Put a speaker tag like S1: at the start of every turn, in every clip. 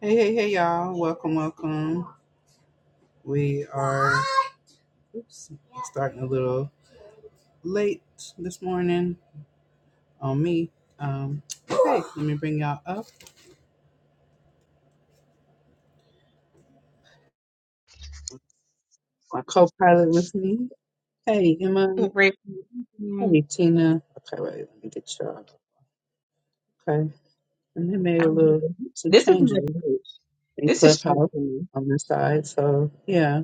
S1: Hey, hey, hey, y'all. Welcome, welcome. We are oops, starting a little late this morning on me. Um, okay, let me bring y'all up. My co pilot with me. Hey, Emma.
S2: Rick, mm,
S1: Hey, Tina. Okay, wait, let me get y'all. Okay. And they made a
S2: I'm-
S1: little some
S2: This is not
S1: changes
S2: church.
S1: in
S2: This is church
S1: Clubhouse
S2: for me.
S1: on this side. So, yeah,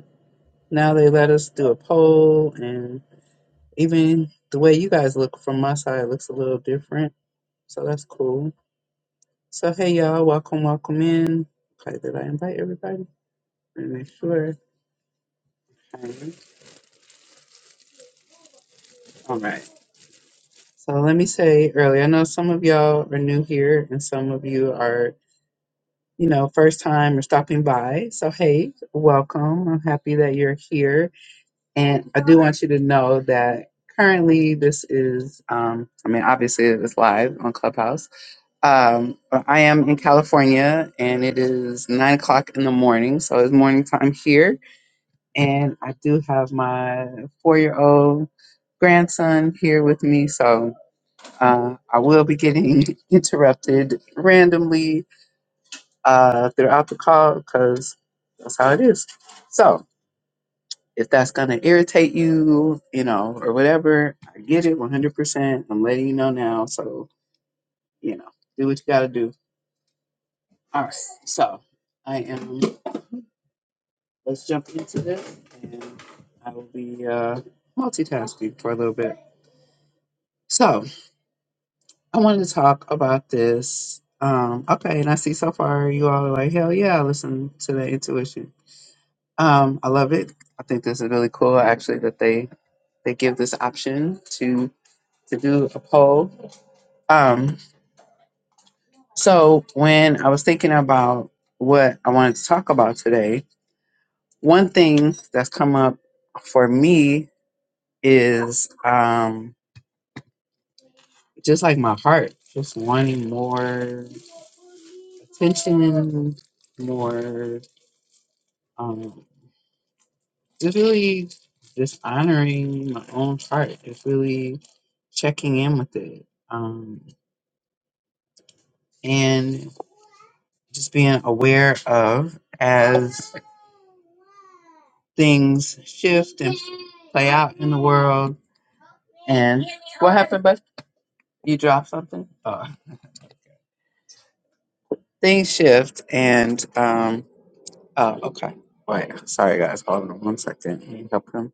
S1: now they let us do a poll, and even the way you guys look from my side looks a little different. So, that's cool. So hey y'all, welcome, welcome in. Okay, did I invite everybody? Let me make sure. All right. So let me say early. I know some of y'all are new here and some of you are, you know, first time or stopping by. So hey, welcome. I'm happy that you're here. And I do want you to know that currently this is um I mean obviously it's live on Clubhouse. Um but I am in California and it is nine o'clock in the morning, so it's morning time here and I do have my four year old grandson here with me, so uh, I will be getting interrupted randomly uh, throughout the call because that's how it is. So if that's going to irritate you, you know, or whatever, I get it 100%. I'm letting you know now, so, you know, do what you got to do. All right, so I am, let's jump into this, and I will be uh, multitasking for a little bit. So, I wanted to talk about this. Um, okay, and I see so far you all are like, hell yeah, I listen to the intuition. Um, I love it. I think this is really cool actually that they they give this option to to do a poll. Um, so when I was thinking about what I wanted to talk about today, one thing that's come up for me is um just like my heart, just wanting more attention, more um It's really just honoring my own heart. It's really checking in with it. Um, and just being aware of as things shift and play out in the world. And what happened, bud? You dropped something? Uh, things shift and um oh okay. Wait, sorry guys, hold on one second. Let me help him.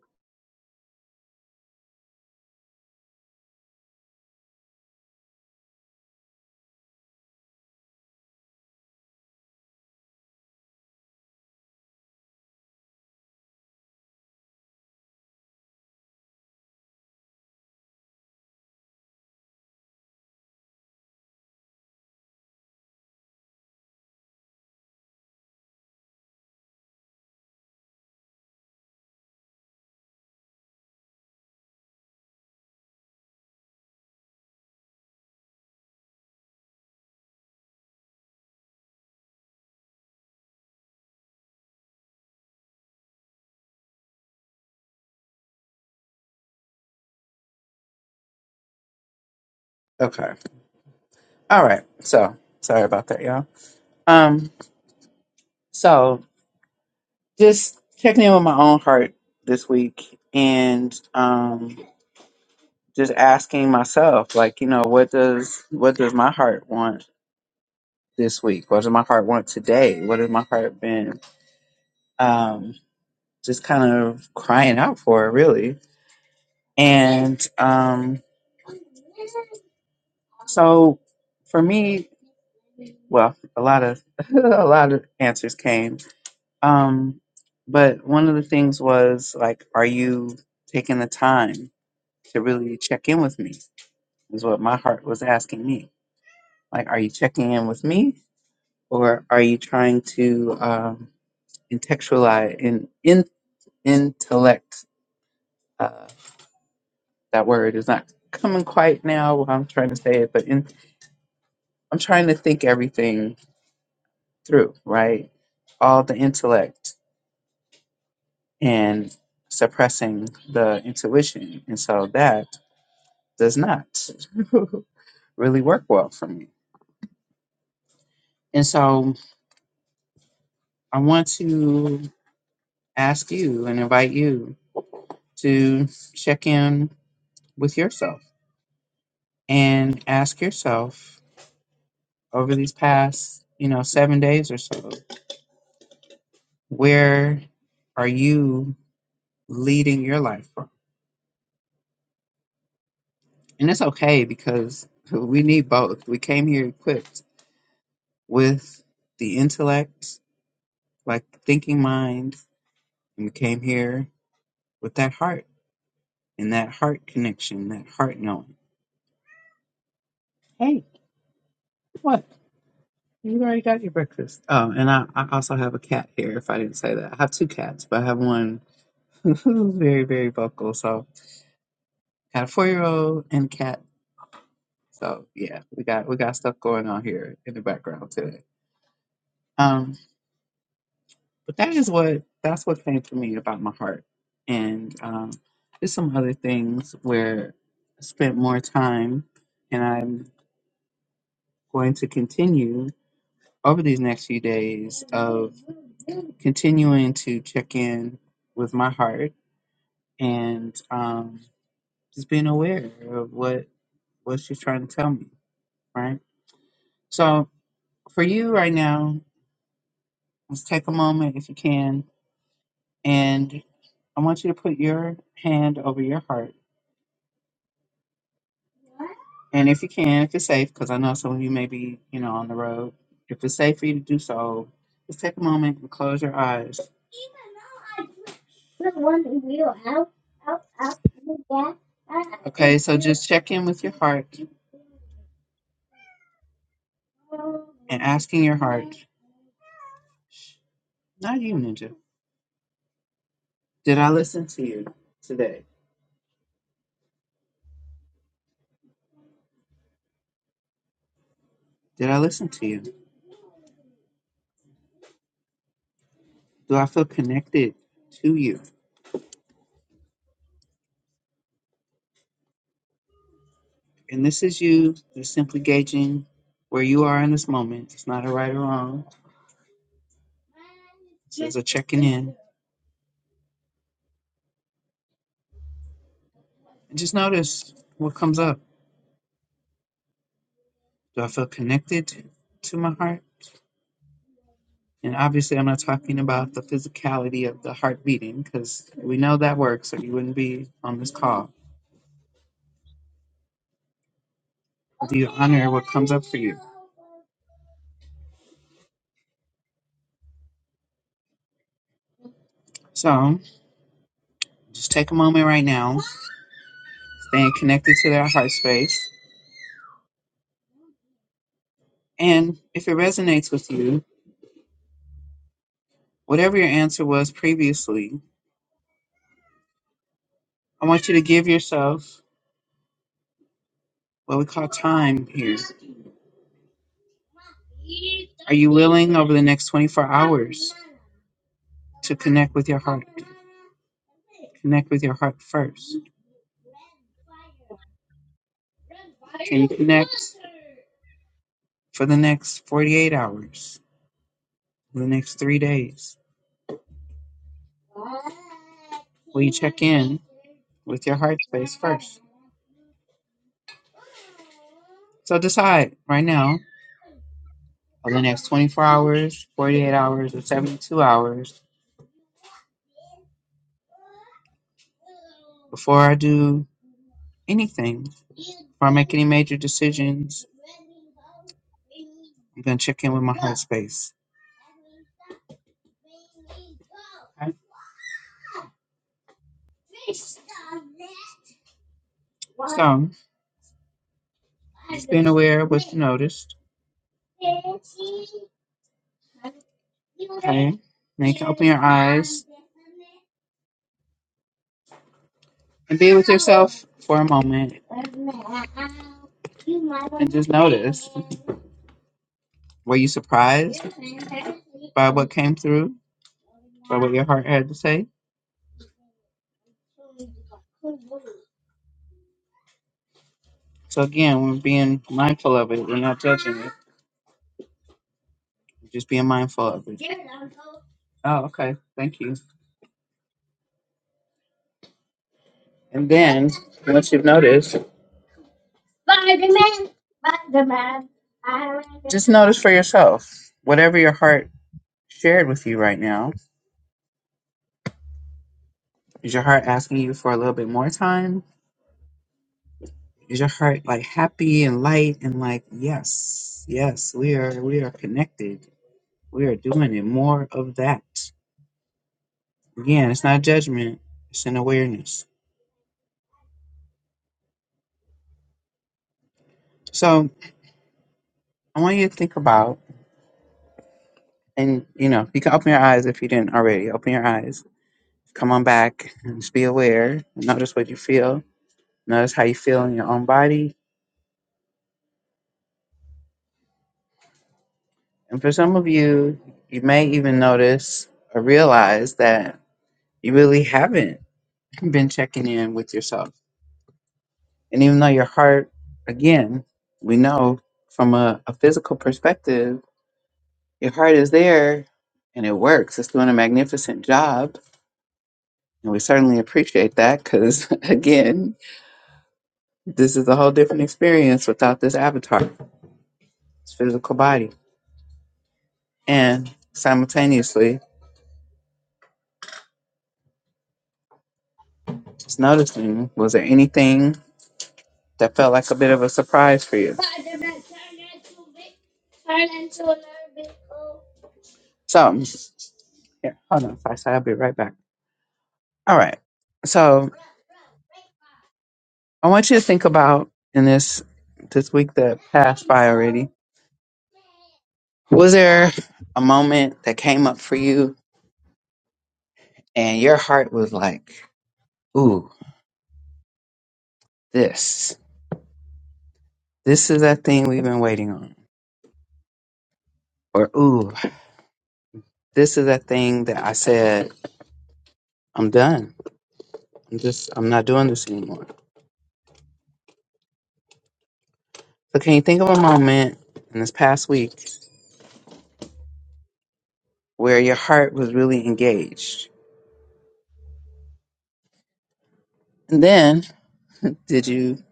S1: Okay. All right. So sorry about that, y'all. Um, so. just checking in with my own heart this week and um just asking myself like you know what does what does my heart want this week what does my heart want today what has my heart been um just kind of crying out for really and um so for me well a lot of a lot of answers came um but one of the things was like are you taking the time to really check in with me is what my heart was asking me. Like, are you checking in with me, or are you trying to um, intellectualize in, in intellect? Uh, that word is not coming quite now. What I'm trying to say it, but in, I'm trying to think everything through, right? All the intellect and suppressing the intuition, and so that does not really work well for me. And so I want to ask you and invite you to check in with yourself and ask yourself over these past, you know, seven days or so, where are you leading your life from? And it's okay because we need both. We came here equipped with the intellect, like the thinking mind, and we came here with that heart and that heart connection, that heart knowing. Hey, what? You already got your breakfast. Um, and I, I also have a cat here, if I didn't say that. I have two cats, but I have one who's very, very vocal. So I got a four year old and a cat. So yeah, we got we got stuff going on here in the background today. Um, but that is what that's what came to me about my heart. And um there's some other things where I spent more time and I'm going to continue. over these next few days of continuing to check in with my heart and um, just being aware of what what she's trying to tell me, right? So for you right now, let's take a moment if you can, and I want you to put your hand over your heart, and if you can, if it's safe, because I know some of you may be, you know, on the road. If it's safe for you to do so, just take a moment and close your eyes. Okay, so just check in with your heart and asking your heart, not you, Ninja, did I listen to you today? Did I listen to you? Do I feel connected to you? And this is you just simply gauging where you are in this moment. It's not a right or wrong. It's a checking in. And just notice what comes up. Do I feel connected to my heart? And obviously, I'm not talking about the physicality of the heart beating because we know that works or you wouldn't be on this call. Do you honor what comes up for you? So, Just take a moment right now, staying connected to their heart space. And if it resonates with you, whatever your answer was previously, I want you to give yourself what we call time here. Are you willing over the next 24 hours to connect with your heart? Connect with your heart first. Can you connect for the next 48 hours, for the next three days? Will you check in with your heart space first? So decide right now, over the next 24 hours, 48 hours, or 72 hours, before I do anything, before I make any major decisions, I'm going to check in with my heart space. Okay? So, just being aware of what you noticed. Okay? Now you can open your eyes and be with yourself for a moment and just notice. Were you surprised by what came through, by what your heart had to say? So again, we're being mindful of it. We're not judging it. We're just being mindful of it. Oh, okay. Thank you. And then once you've noticed, just notice for yourself whatever your heart shared with you right now. Is your heart asking you for a little bit more time? Is your heart like happy and light and like yes, yes, we are we are connected. We are doing it. More of that. Again, it's not judgment. It's an awareness. So I want you to think about And you know, you can open your eyes if you didn't already. Open your eyes. Come on back and just be aware. Notice what you feel. Notice how you feel in your own body. And for some of you, you may even notice or realize that you really haven't been checking in with yourself. And even though your heart, again, we know from a, a physical perspective, your heart is there and it works. It's doing a magnificent job. And we certainly appreciate that because, again, This is a whole different experience without this avatar, this physical body. And simultaneously, just noticing was there anything that felt like a bit of a surprise for you? So, yeah, hold on, Faisal, I'll be right back. All right. So, I want you to think about in this this week that passed by already. Was there a moment that came up for you and your heart was like, "Ooh, this. This is that thing we've been waiting on." Or, "Ooh, This is that thing that I said, I'm done. I'm just, I'm not doing this anymore. So, can you think of a moment in this past week where your heart was really engaged? And then, did you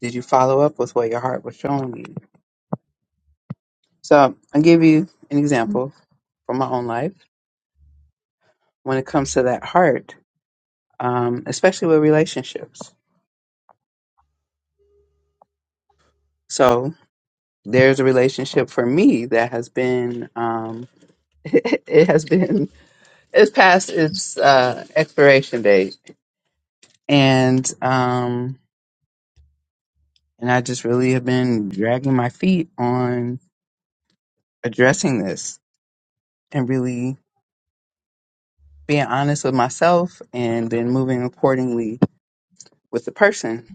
S1: did you follow up with what your heart was showing you? So, I'll give you an example from my own life when it comes to that heart, um, especially with relationships. So, there's a relationship for me that has been, um, it has been, it's past its uh, expiration date and um and I just really have been dragging my feet on addressing this and really being honest with myself and then moving accordingly with the person.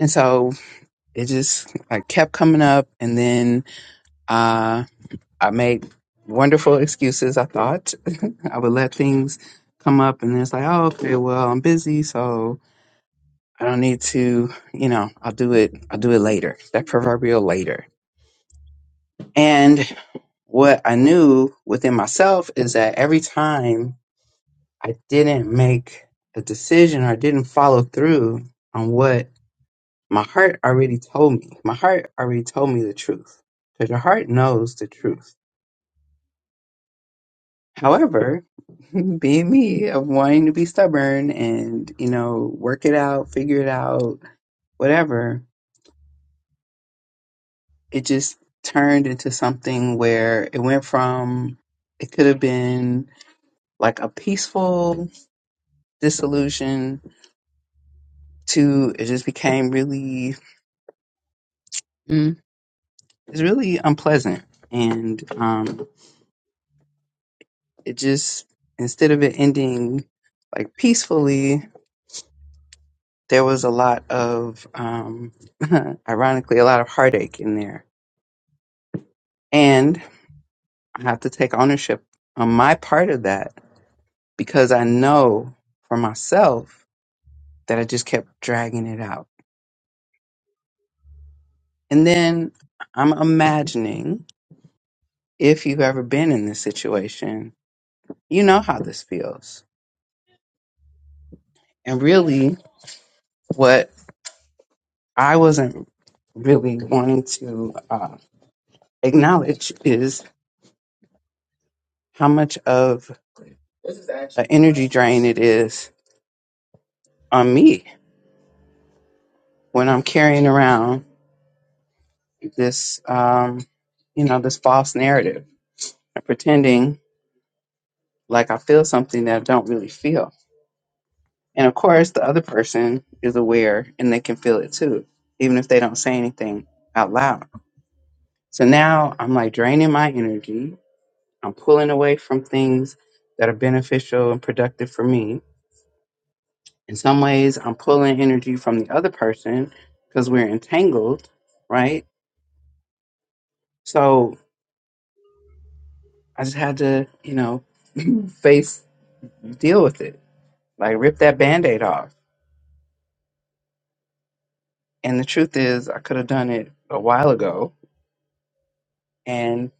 S1: And so it just like kept coming up and then uh I made wonderful excuses I thought. I would let things come up and then it's like, oh okay, well I'm busy so I don't need to, you know, I'll do it I'll do it later. That proverbial later And what I knew within myself is that every time I didn't make a decision or didn't follow through on what my heart already told me, my heart already told me the truth because your heart knows the truth. However, being me of wanting to be stubborn and, you know, work it out, figure it out, whatever, it just turned into something where it went from, it could have been like a peaceful disillusion to it just became really mm, it's really unpleasant and um it just instead of it ending like peacefully there was a lot of um ironically a lot of heartache in there and i have to take ownership on my part of that because i know for myself that i just kept dragging it out and then i'm imagining if you've ever been in this situation you know how this feels. And really, what I wasn't really wanting to uh, acknowledge is how much of an energy drain it is on me when I'm carrying around this, um, you know, this false narrative and pretending like I feel something that I don't really feel. And of course, the other person is aware and they can feel it too, even if they don't say anything out loud. So now I'm like draining my energy I'm pulling away from things that are beneficial and productive for me. In some ways, I'm pulling energy from the other person because we're entangled, right? So I just had to, you know, face, deal with it, like rip that band aid off. And the truth is, I could have done it a while ago. And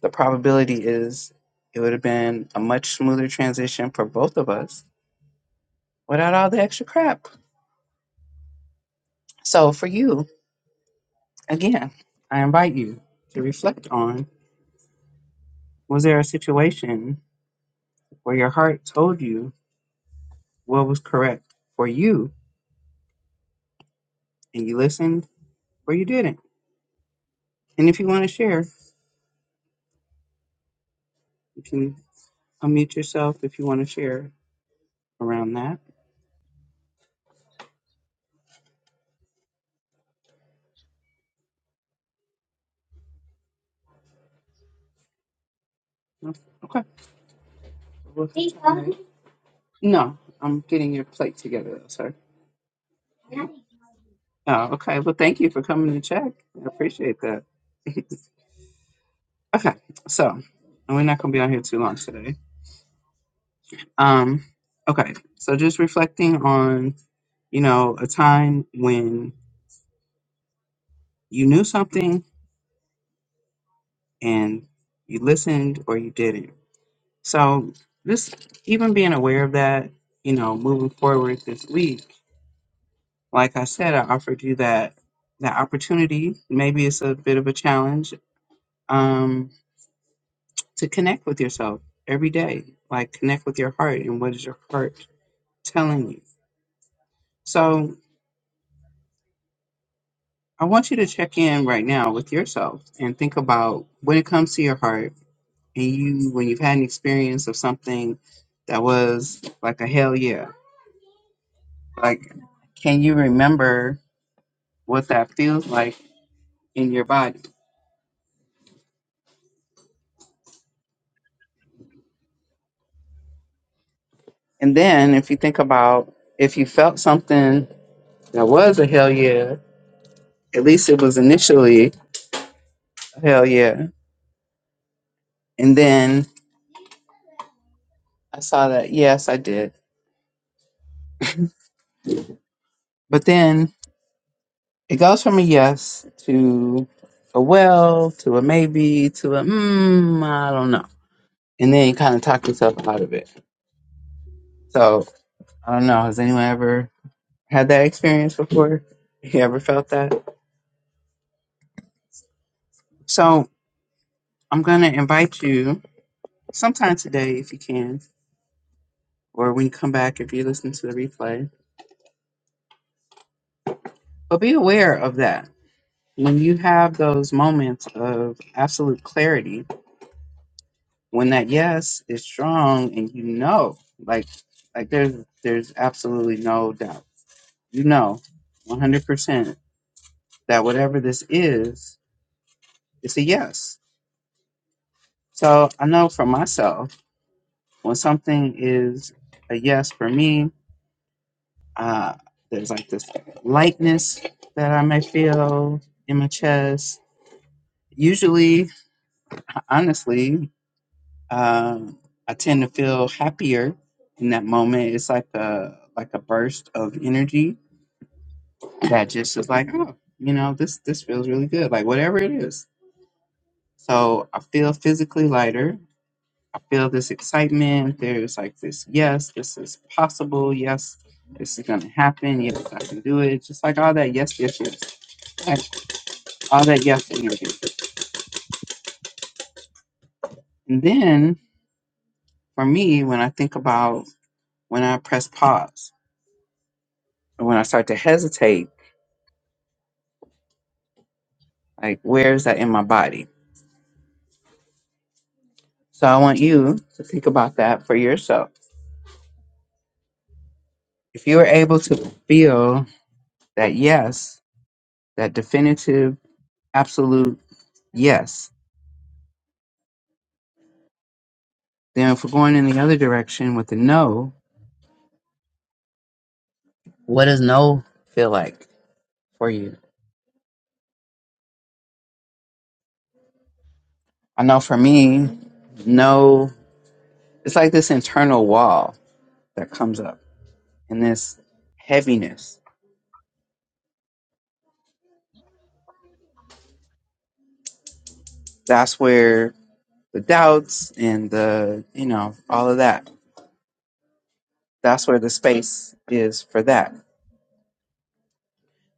S1: the probability is it would have been a much smoother transition for both of us without all the extra crap. So for you, Again, I invite you to reflect on was there a situation where your heart told you what was correct for you and you listened or you didn't? And if you want to share, you can unmute yourself if you want to share around that. No? Okay. Well, No, I'm getting your plate together, sir. Oh, okay. Well, thank you for coming to check. I appreciate that. okay. So, and we're not going to be on here too long today. Um, okay. So, just reflecting on you know, a time when you knew something and you listened or you didn't. So, just even being aware of that, you know, moving forward this week, like I said, I offered you that that opportunity. Maybe it's a bit of a challenge um, to connect with yourself every day, like connect with your heart and what is your heart telling you. So, I want you to check in right now with yourself and think about when it comes to your heart and you when you've had an experience of something that was like a hell yeah like can you remember what that feels like in your body and then if you think about if you felt something that was a hell yeah at least it was initially a hell yeah and then i saw that yes i did but then it goes from a yes to a well to a maybe to a mm, i don't know and then you kind of talk yourself out of it so I don't know. Has anyone ever had that experience before? You ever felt that? So I'm going to invite you sometime today if you can, or when you come back if you listen to the replay. But be aware of that. When you have those moments of absolute clarity, when that yes is strong and you know, like, like there's there's absolutely no doubt. You know, 100% that whatever this is, it's a yes. So I know for myself When something is a yes for me, uh, there's like this lightness that I may feel in my chest. Usually, honestly, um, I tend to feel happier in that moment. It's like a like a burst of energy that just is like, oh, you know, this this feels really good. Like whatever it is. So I feel physically lighter I feel this excitement. There's like this, yes, this is possible. Yes, this is going to happen. Yes, I can do it. Just like all that, yes, yes, yes. Like all that, yes, energy. And then for me, when I think about when I press pause or when I start to hesitate, like where is that in my body? So I want you to think about that for yourself. If you are able to feel that yes, that definitive, absolute yes, then if we're going in the other direction with the no, What does no feel like for you? I know for me, no, it's like this internal wall that comes up and this heaviness. That's where the doubts and the, you know, all of that, that's where the space is for that.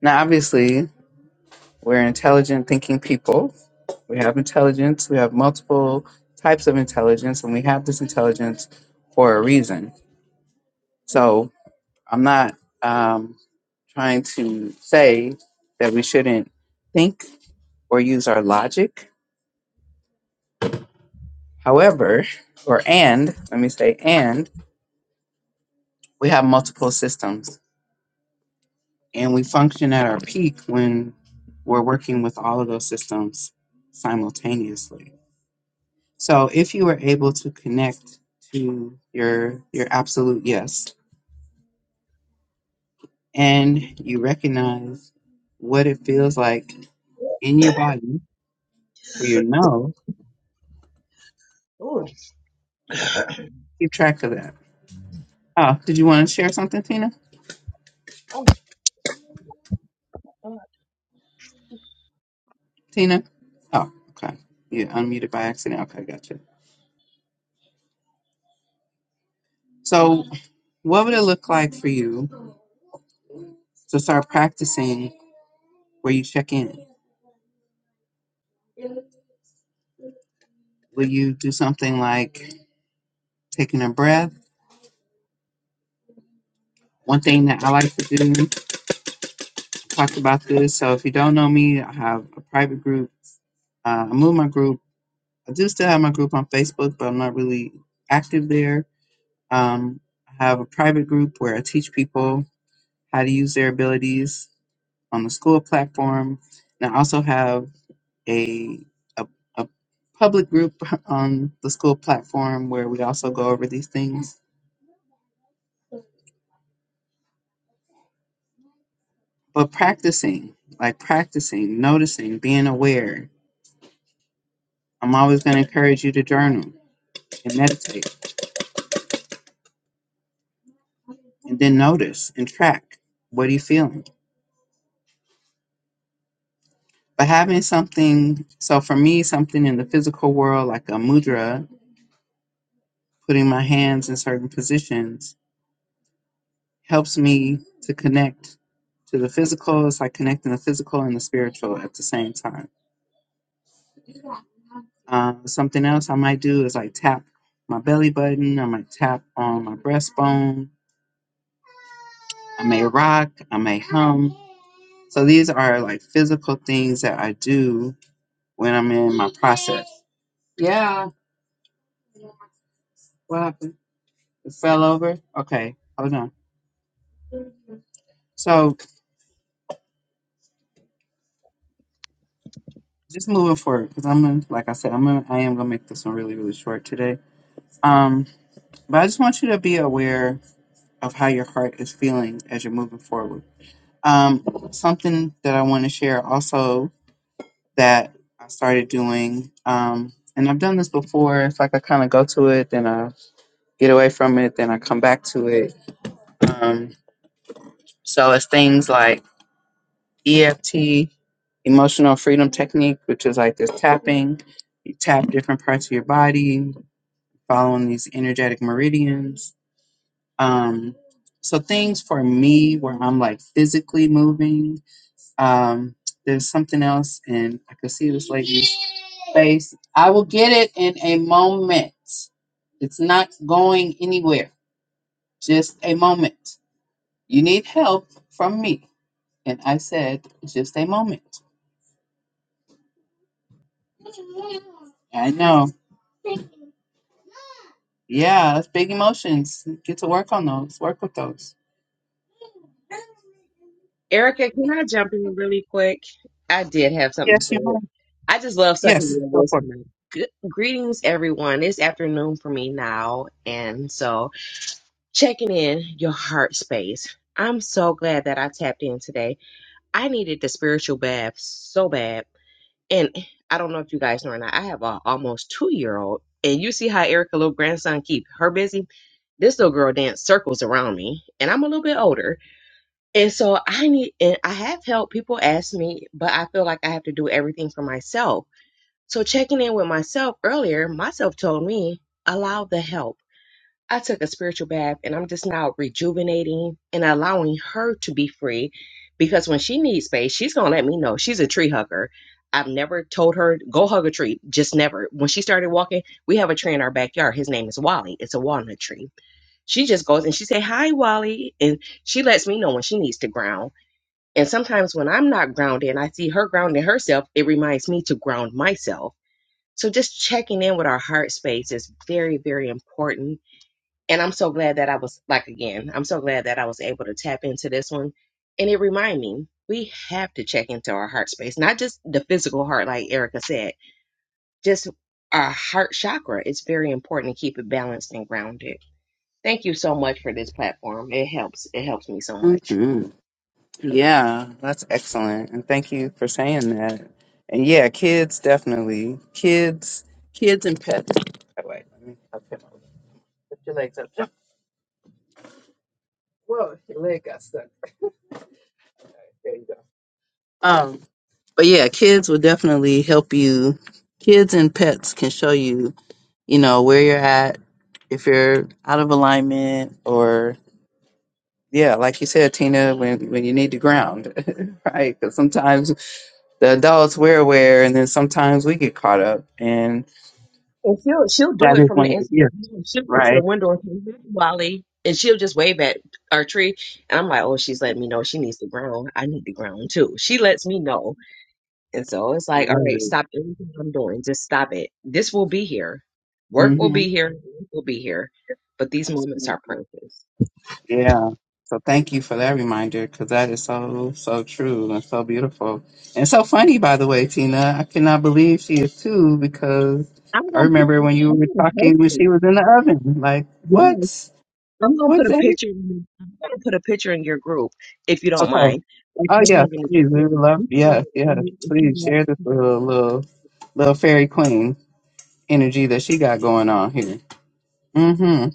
S1: Now, obviously, we're intelligent thinking people. We have intelligence, we have multiple types of intelligence, and we have this intelligence for a reason. So. I'm not um, trying to say that we shouldn't think or use our logic. However, or and, let me say, and we have multiple systems and we function at our peak when we're working with all of those systems simultaneously. So if you were able to connect to your your absolute yes and you recognize what it feels like in your body for your no, keep track of that Oh, did you want to share something, Tina?
S2: Oh,
S1: Tina? Oh, okay. You unmuted by accident. Okay, gotcha. So, what would it look like for you to start practicing where you check in? Will you do something like taking a breath? One thing that I like to do, talked about this. So, if you don't know me, I have a private group. Uh, I moved my group. I do still have my group on Facebook, but I'm not really active there. Um, I have a private group where I teach people how to use their abilities on the school platform. And I also have a, a, a public group on the school platform where we also go over these things. But practicing, like practicing, noticing, being aware. I'm always going to encourage you to journal and meditate and then notice and track what are you feeling. But having something, so for me, something in the physical world like a mudra, putting my hands in certain positions, helps me to connect to the physical. It's like connecting the physical and the spiritual at the same time. Um, something else I might do is like tap my belly button. I might tap on my breastbone. I may rock. I may hum. So these are like physical things that I do when I'm in my process. Yeah. What happened? It fell over. Okay. Hold on. So just moving forward, because I'm gonna, like I said, I'm gonna, I am gonna make this one really, really short today. Um, but I just want you to be aware of how your heart is feeling as you're moving forward. Um, something that I want to share also that I started doing, um, and I've done this before. It's like I kind of go to it, then I get away from it, then I come back to it. Um, so it's things like EFT, emotional freedom technique, which is like this tapping. You tap different parts of your body, following these energetic meridians. Um, so things for me where I'm like physically moving Um, there's something else, and I could see this lady's face. I will get it in a moment. It's not going anywhere. Just a moment. You need help from me. And I said, just a moment. I know. Yeah, that's big emotions. Get to work on those. Work with those.
S2: Erica, can I jump in really quick? I did have something to
S1: Yes, you might.
S2: say. I just love sucking
S1: Yes,
S2: your
S1: go for it.
S2: wisdom. Good, greetings, everyone. It's afternoon for me now, and so checking in your heart space. I'm so glad that I tapped in today. I needed the spiritual bath so bad. and I don't know if you guys know or not. I have a almost two year old, and you see how Erica little grandson keep her busy. This little girl dance circles around me, and I'm a little bit older, and so I need and I have help. People ask me, but I feel like I have to do everything for myself. So checking in with myself earlier, myself told me allow the help I took a spiritual bath and I'm just now rejuvenating and allowing her to be free because when she needs space, she's going to let me know. She's a tree hugger. I've never told her, go hug a tree, just never. When she started walking, we have a tree in our backyard. His name is Wally. It's a walnut tree. She just goes and she say, hi, Wally. And she lets me know when she needs to ground. And sometimes when I'm not grounded and I see her grounding herself, it reminds me to ground myself. So just checking in with our heart space is very, very important and I'm so glad that I was, like, again, I'm so glad that I was able to tap into this one. And it reminded me we have to check into our heart space, not just the physical heart, like Erica said, just our heart chakra. It's very important to keep it balanced and grounded. Thank you so much for this platform. It helps. It helps me so much.
S1: Mhm. Yeah, that's excellent. And thank you for saying that. And yeah, kids definitely. Kids kids and pets. Oh, wait, let me I'll put my- put your legs up. Jump. Whoa, your leg got stuck. All right, There you go. Um, but yeah, kids will definitely help you. Kids and pets can show you, you know, where you're at, if you're out of alignment yeah, like you said, Tina, when when you need to ground, right? Because sometimes the adults we're aware, and then sometimes we get caught up. And
S2: And she'll she'll do
S1: that
S2: it
S1: is
S2: from
S1: one
S2: the
S1: of the
S2: inside.
S1: gifts,
S2: She'll go to the
S1: right?
S2: window and say, "Hey, Wally, and she'll just wave at our tree. And I'm like, oh, she's letting me know she needs the ground. I need the ground too. She lets me know. And so it's
S1: I
S2: like, all
S1: love
S2: right,
S1: it.
S2: stop everything I'm doing. Just stop it. This will be here. Work will
S1: hmm
S2: be here. Work will be here. But these moments are
S1: Absolutely.
S2: precious.
S1: Yeah. So thank you for that reminder, because that is so so true and so beautiful and so funny. By the way, Tina, I cannot believe she is too, because
S2: I'm
S1: I
S2: gonna
S1: remember
S2: put-
S1: when you
S2: I'm
S1: were
S2: gonna post
S1: talking when
S2: it.
S1: she was in the oven. Like
S2: Yes.
S1: what?
S2: I'm gonna put
S1: What
S2: a
S1: the
S2: picture. In, I'm gonna put a picture in your group if you don't
S1: heck?
S2: mind. Of
S1: Oh
S2: her
S1: yeah,
S2: having this
S1: please. We
S2: picture.
S1: would love.
S2: You put her in
S1: Yes,
S2: the
S1: yes.
S2: group if
S1: Please
S2: she wants
S1: share this
S2: to.
S1: little little little fairy queen energy that she got going on here. Mm-hmm.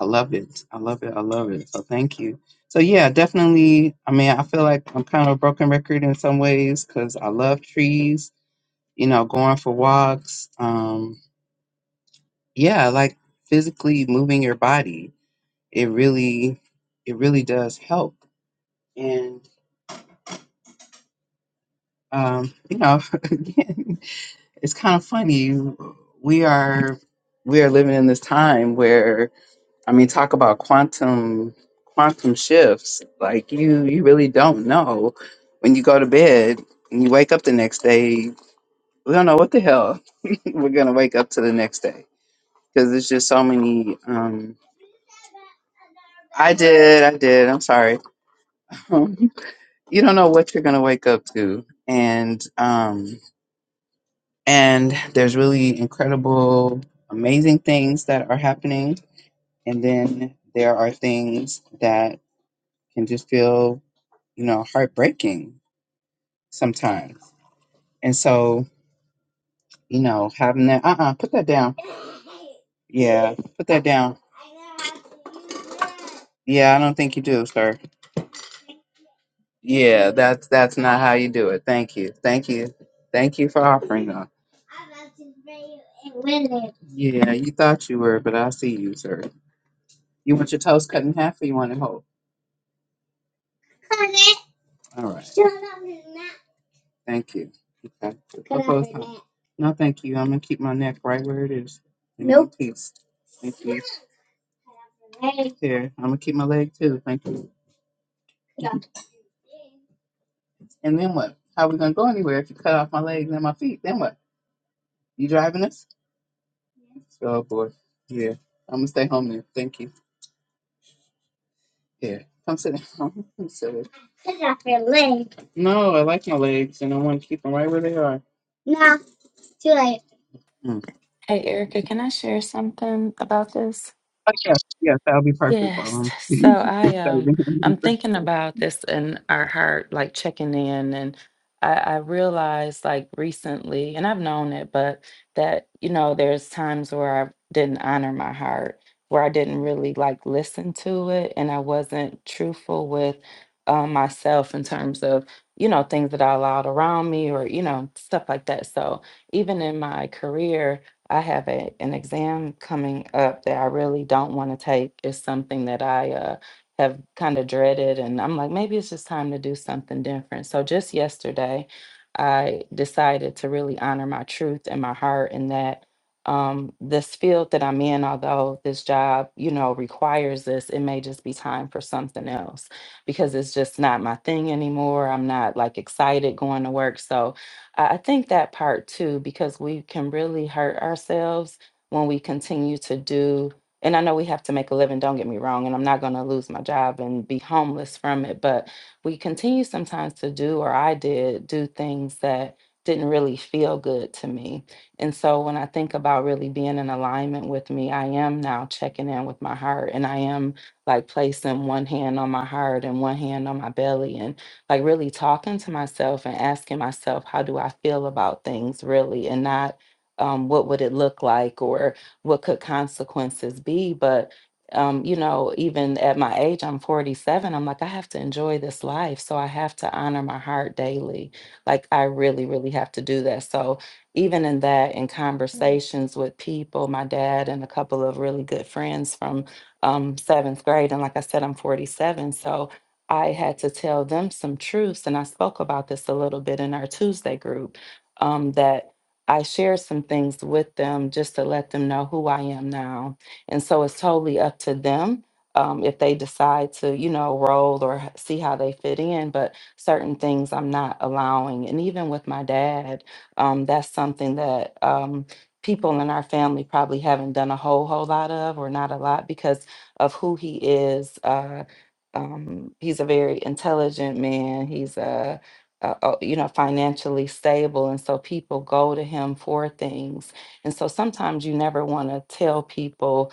S1: I love it. I love it. I love it. So thank you. So yeah, definitely. I mean, I feel like I'm kind of a broken record in some ways because I love trees. You know, going for walks. Um, yeah, like physically moving your body. It really, it really does help. And um, you know, it's kind of funny. We are we are living in this time where I mean, talk about quantum quantum shifts. Like you, you really don't know when you go to bed and you wake up the next day. We don't know what the hell we're gonna wake up to the next day because there's just so many. Um, I did, I did. I'm sorry. you don't know what you're gonna wake up to, and um, and there's really incredible, amazing things that are happening And then there are things that can just feel, you know, heartbreaking sometimes. And so, you know, having that, uh uh put that down. Yeah, put that down. Yeah, I don't think you do, sir. Yeah, that's that's not how you do it. Thank you. Thank you. Thank you for offering up. Yeah, you thought you were, but I see you, sir. You want your toast cut in half or you want it whole? All right. Thank you. Okay. What goes No, thank you. I'm gonna keep my neck right where it is. In one Thank you. Here, I'm gonna keep my leg too. Thank you. Yeah. And then what? How we gonna go anywhere if you cut off my legs and my feet? Then what? You driving us? Oh boy. Yeah. I'm gonna stay home then. Thank you. Yeah. Come sit down. I'm silly. No, I like my legs and I want to keep them right where they are. Mm.
S3: Hey Erica, can I share something about this?
S1: Oh, yes, yes, that'll be perfect. While
S3: Yes.
S1: I'm
S3: So I um
S1: serving him.
S3: I'm thinking about this in our heart, like checking in and I, I realized like recently, and I've known it, but that, you know, there's times where I didn't honor my heart, where I didn't really like listen to it and I wasn't truthful with um, myself in terms of, you know, things that I allowed around me or, you know, stuff like that. So even in my career, I have a, an exam coming up that I really don't want to take. It's something that I uh, have kind of dreaded, and I'm like, maybe it's just time to do something different. So just yesterday, I decided to really honor my truth and my heart, and that um, this field that I'm in, although this job, you know, requires this, it may just be time for something else because it's just not my thing anymore. I'm not like excited going to work. So I I think that part too, because we can really hurt ourselves when we continue to do. And I know we have to make a living, don't get me wrong, and I'm not going to lose my job and be homeless from it, but we continue sometimes to do, or I did, do things that didn't really feel good to me. And so when I think about really being in alignment with me, I am now checking in with my heart and I am like placing one hand on my heart and one hand on my belly and like really talking to myself and asking myself, how do I feel about things really? And not um, what would it look like or what could consequences be? But um, you know, even at my age, I'm 47, I'm like, I have to enjoy this life. So I have to honor my heart daily. Like, I really, really have to do that. So, even in that, in conversations with people, my dad and a couple of really good friends from um, seventh grade. And like I said, I'm 47. So, I had to tell them some truths, and I spoke about this a little bit in our Tuesday group. Um, that I shared some things with them just to let them know who I am now, and so it's totally up to them um, if they decide to, you know, roll or h- see how they fit in. But certain things I'm not allowing, and even with my dad, um, that's something that um, people in our family probably haven't done a whole whole lot of, or not a lot, because of who he is. Uh, um, he's a very intelligent man. He's a, a, a you know financially stable, and so people go to him for things. And so sometimes you never want to tell people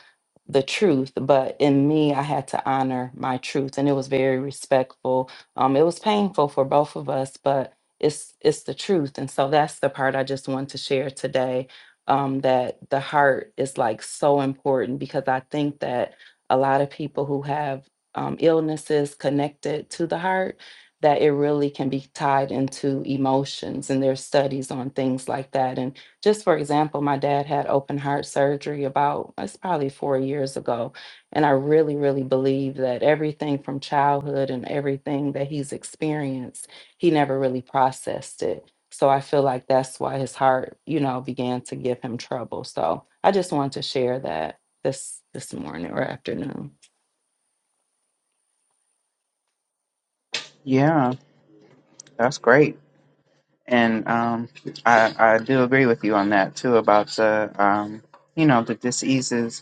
S3: the truth, but in me, I had to honor my truth, and it was very respectful. Um, it was painful for both of us, but it's it's the truth, and so that's the part I just want to share today. Um, that the heart is like so important because I think that a lot of people who have um, illnesses connected to the heart that it really can be tied into emotions and there's studies on things like that and just for example my dad had open heart surgery about it's probably four years ago and i really really believe that everything from childhood and everything that he's experienced he never really processed it so i feel like that's why his heart you know began to give him trouble so i just wanted to share that this this morning or afternoon
S1: yeah, that's great. And um, I I do agree with you on that too about the um, you know, the diseases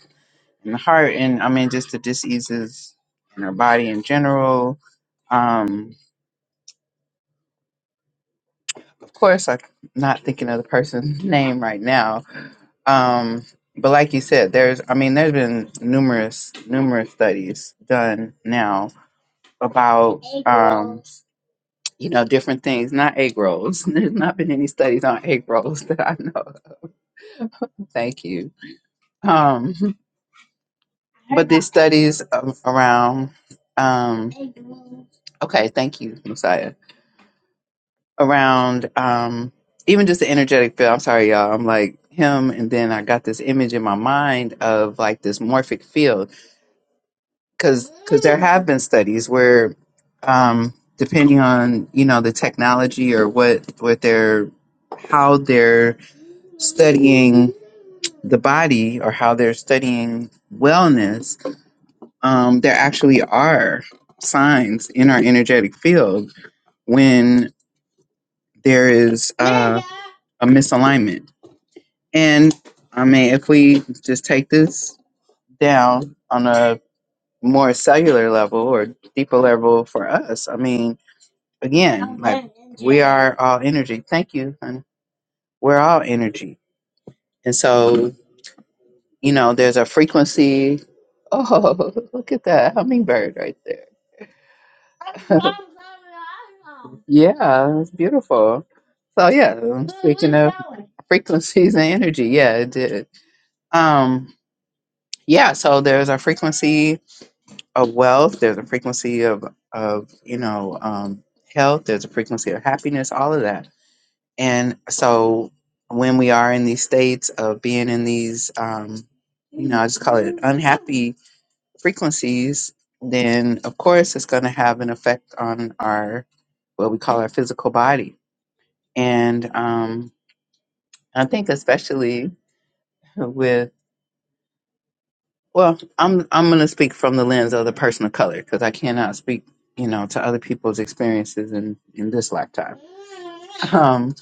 S1: and heart and I mean just the diseases in her body in general. Um, of course, I'm not thinking of the person's name right now. Um, but like you said, there's I mean there's been numerous numerous studies done now about um, you know different things, not egg rolls. There's not been any studies on egg rolls that I know. of. Thank you. Um, but these studies a- around um, okay, thank you, Messiah around um even just the energetic field. I'm sorry, y'all. I'm like him, and then I got this image in my mind of like this morphic field because because there have been studies where um depending on you know the technology or what what they're how they're studying the body or how they're studying wellness, um, there actually are signs in our energetic field when there is uh, a misalignment. And I mean, if we just take this down on a more cellular level or deeper level for us, I mean, again, like we are all energy. Thank you, honey. We're all energy. And so, you know, there's a frequency. Oh, look at that hummingbird right there. Yeah, it's beautiful. So, yeah, speaking of frequencies and energy, yeah, it did. Um, Yeah, so there's a frequency of wealth, there's a frequency of of you know um, health, there's a frequency of happiness, all of that. And so when we are in these states of being in these, um, you know, I just call it unhappy frequencies, then of course it's going to have an effect on our what we call our physical body. And um, I think especially with Well, I'm I'm going to speak from the lens of the person of color because I cannot speak, you know, to other people's experiences in in this lifetime. Um,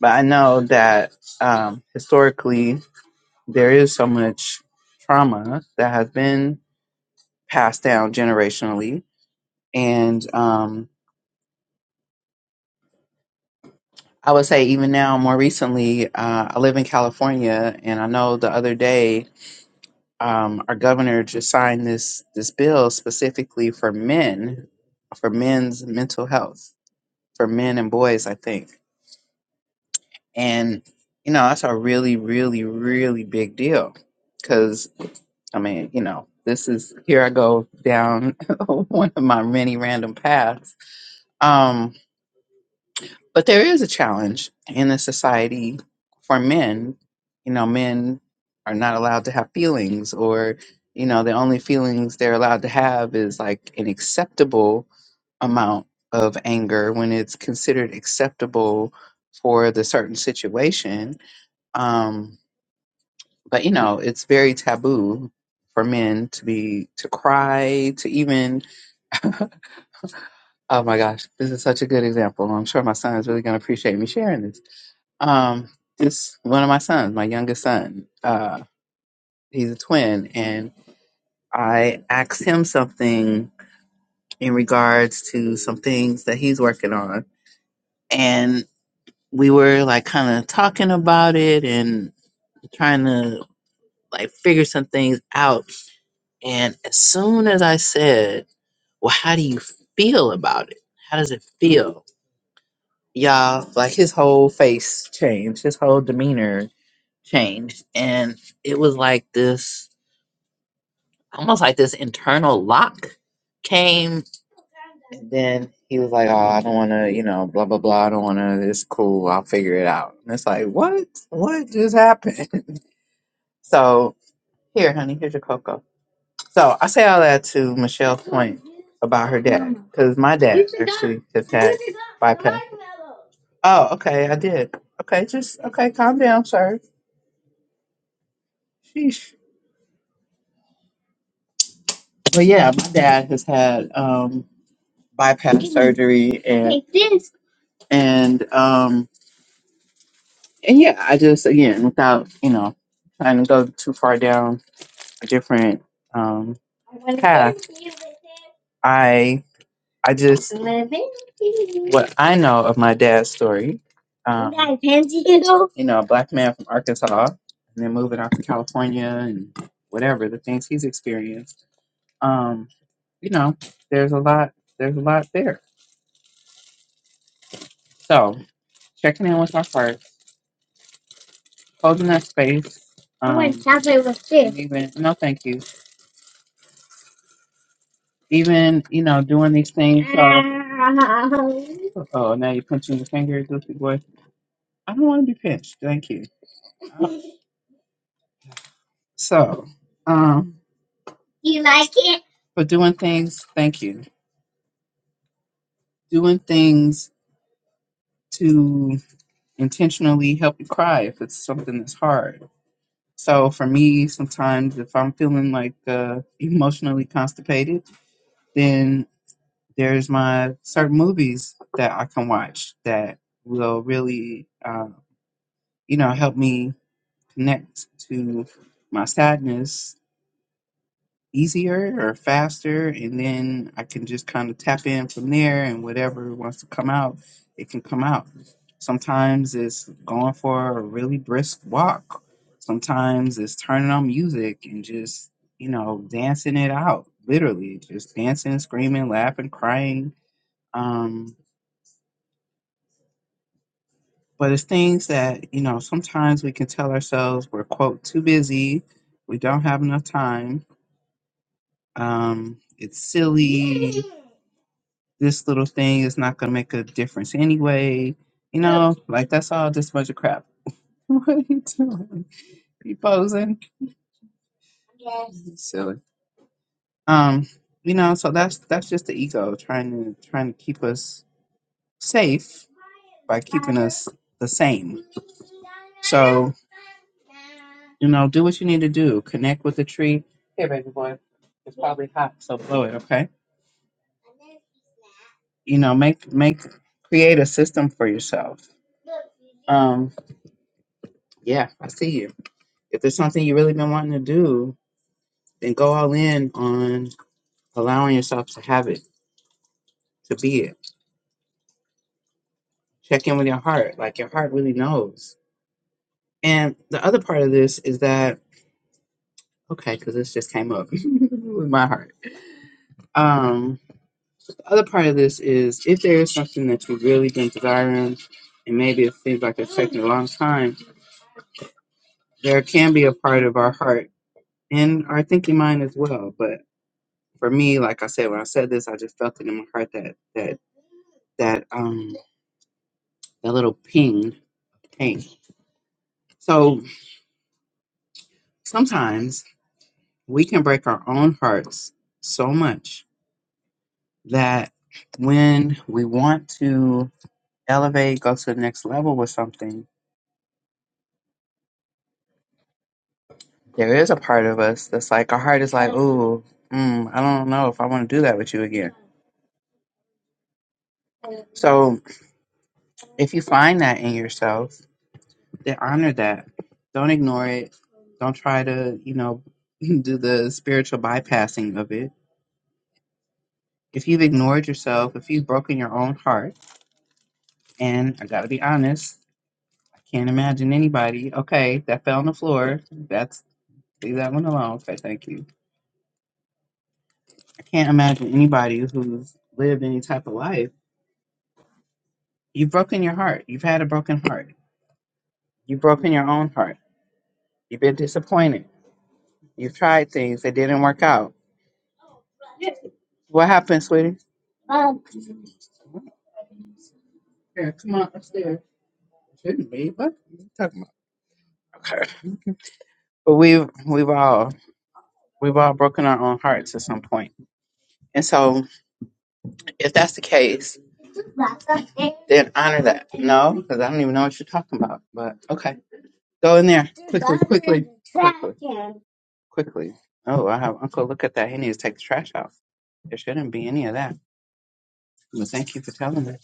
S1: but I know that um, historically there is so much trauma that has been passed down generationally, and um, I would say even now, more recently, uh, I live in California, and I know the other day um, our governor to sign this this bill specifically for men, for men's mental health, for men and boys, I think. And you know, that's a really, really, really big deal because I mean, you know, this is here I go down one of my many random paths. Um, But there is a challenge in the society for men. You know, men are not allowed to have feelings, or, you know, the only feelings they're allowed to have is like an acceptable amount of anger when it's considered acceptable for the certain situation. Um, but, you know, it's very taboo for men to be, to cry, to even, oh my gosh, this is such a good example. I'm sure my son is really going to appreciate me sharing this um, it's one of my sons, my youngest son. Uh, he's a twin, and I asked him something in regards to some things that he's working on, and we were like kind of talking about it and trying to like figure some things out. And as soon as I said, "Well, how do you feel about it? How does it feel?" Y'all, like his whole face changed, his whole demeanor changed, and it was like this almost like this internal lock came and then he was like, Oh, I don't wanna, you know, blah blah blah, I don't wanna it's cool, I'll figure it out. And it's like, What? What just happened? So here, honey, here's your cocoa. So I say all that to Michelle's point about her dad, because my dad actually just had bypass. Oh, okay, I did. Okay, just okay, calm down, sir. Sheesh. But yeah, my dad has had um bypass surgery and and um and yeah i just again without you know trying to go too far down a different um path i i just what i know of my dad's story um you know a black man from arkansas and then moving out to california and whatever the things he's experienced um you know there's a lot there's a lot there so checking in with my heart holding that space. Um, I want chocolate with this. Even no, thank you. Even you know doing these things. So, oh, now you're pinching your finger, goofy boy. I don't want to be pinched. Thank you. So, um, for doing things, thank you. Doing things to intentionally help you cry if it's something that's hard. So for me, sometimes if I'm feeling like uh, emotionally constipated, then. there's my certain movies that I can watch that will really, uh, you know, help me connect to my sadness easier or faster, and then I can just kind of tap in from there, and whatever wants to come out, it can come out. Sometimes it's going for a really brisk walk. Sometimes it's turning on music and just, you know, dancing it out, literally, just dancing, screaming, laughing, crying, um but it's things that you know sometimes we can tell ourselves we're quote too busy we don't have enough time um it's silly this little thing is not gonna make a difference anyway you know like that's all just a bunch of crap what are you doing you posing You silly um you know so that's that's just the ego trying to trying to keep us safe by keeping us the same So. You know, do what you need to do. Connect with the tree. Here, baby boy. It's probably hot, so blow it, okay? You know, make make create a system for yourself. Um, yeah, I see you. If there's something you really been wanting to do, then go all in on allowing yourself to have it, to be it. Check in with your heart. Like your heart really knows. And the other part of this is that okay, because this just came up with my heart. Um. The other part of this is if there is something that you've really been desiring and maybe it seems like it's taking a long time, there can be a part of our heart and our thinking mind as well. But for me, like I said, when I said this, I just felt it in my heart that that that um that little ping ping. So sometimes we can break our own hearts so much that when we want to elevate, go to the next level with something, There is a part of us that's like, our heart is like, ooh, mm, I don't know if I want to do that with you again. So if you find that in yourself, then honor that. Don't ignore it. Don't try to, you know, do the spiritual bypassing of it. If you've ignored yourself, if you've broken your own heart, and I got to be honest, I can't imagine anybody, okay, that fell on the floor. That's, leave that one alone. Okay, thank you. I can't imagine anybody who's lived any type of life You've broken your heart. You've had a broken heart. You've broken your own heart. You've been disappointed. You've tried things that didn't work out. What happened, sweetie? Here, come on upstairs. Shouldn't be. What are you talking about? Okay. But we've we've all we've all broken our own hearts at some point. And so if that's the case, then honor that. No, because I don't even know what you're talking about. But okay. Go in there. Quickly, quickly. Quickly. Quickly. Oh, I have Uncle look at that. He needs to take the trash out. There shouldn't be any of that. But thank you for telling me.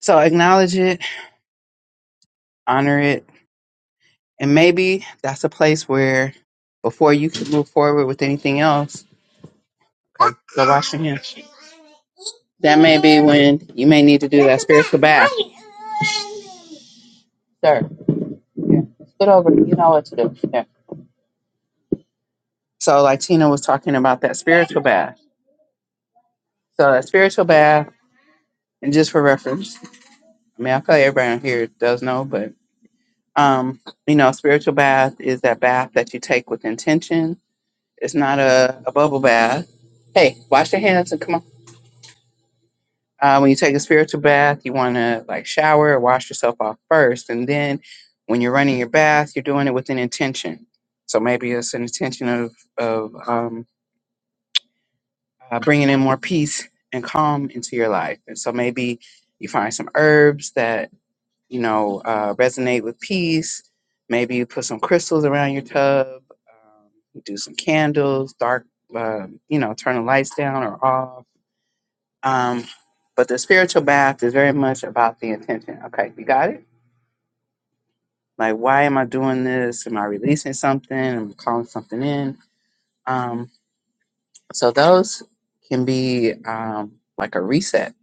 S1: So acknowledge it, honor it, and maybe that's a place where before you can move forward with anything else, okay, go wash your hands. That may be when you may need to do that spiritual bath. Sir, Yeah. Get over. You know what to do. Yeah. So like Tina was talking about that spiritual bath. So that spiritual bath, and just for reference, I mean I feel like everybody on here does know, but Um, you know, spiritual bath is that bath that you take with intention. It's not a, a bubble bath. Hey, wash your hands and come on. Uh, when you take a spiritual bath, you want to like shower or wash yourself off first. And then when you're running your bath, you're doing it with an intention. So maybe it's an intention of, of um, uh, bringing in more peace and calm into your life. And so maybe you find some herbs that you know, uh, resonate with peace. Maybe you put some crystals around your tub. Um, you do some candles, dark, uh, you know, turn the lights down or off. Um, but the spiritual bath is very much about the intention. Okay, you got it? Like, why am I doing this? Am I releasing something? Am I calling something in? Um, so those can be um, like a reset.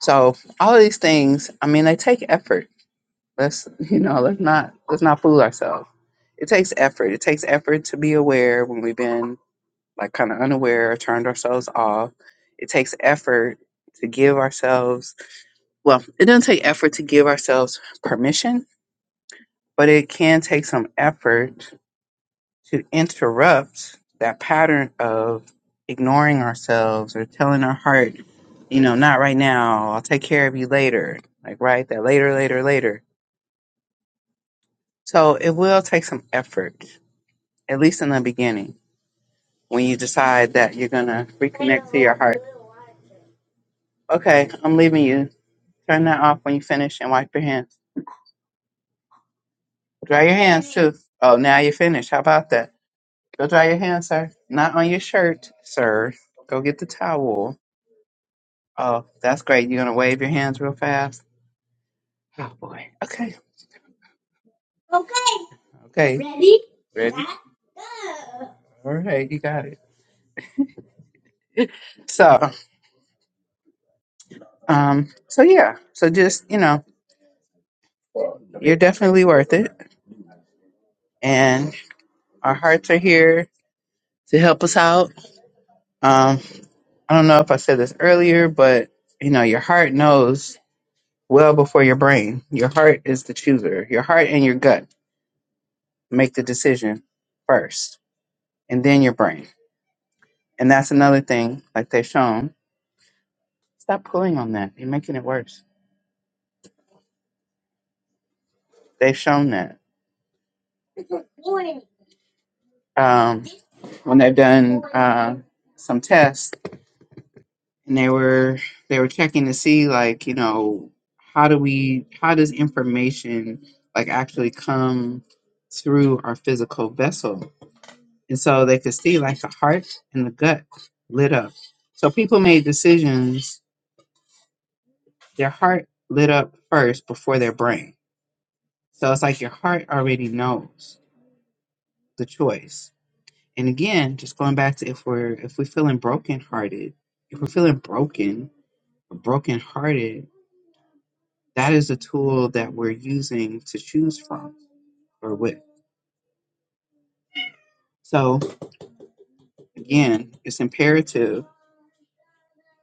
S1: So all of these things, I mean, they take effort Let's you know, let's not let's not fool ourselves. It takes effort. It takes effort to be aware when we've been like kind of unaware or turned ourselves off. It takes effort to give ourselves well, it doesn't take effort to give ourselves permission, but it can take some effort to interrupt that pattern of ignoring ourselves or telling our heart, you know, not right now, I'll take care of you later. Like right, that later, later, later. So it will take some effort. at least in the beginning, when you decide that you're going to reconnect to your heart. Okay, I'm leaving you. Turn that off when you finish and wipe your hands. Dry your hands too. Oh, now you're finished. How about that? Go dry your hands, sir. Not on your shirt, sir. Go get the towel. Oh, that's great. You're going to wave your hands real fast. Oh, boy. Okay. Okay. Ready? Ready. All right, you got it. So, um, so yeah, so just you know, you're definitely worth it, and our hearts are here to help us out. Um, I don't know if I said this earlier, but you know, your heart knows well before your brain. Your heart is the chooser. Your heart and your gut make the decision first, and then your brain. And that's another thing, like they've shown. Stop pulling on that. You're making it worse. They've shown that um, when they've done uh, some tests and they were they were checking to see like you know how do we how does information like actually come through our physical vessel and so they could see like the heart and the gut lit up so people made decisions their heart lit up first before their brain so it's like your heart already knows the choice and again just going back to if we're if we're feeling brokenhearted if we're feeling broken or brokenhearted that is a tool that we're using to choose from or with. So again, it's imperative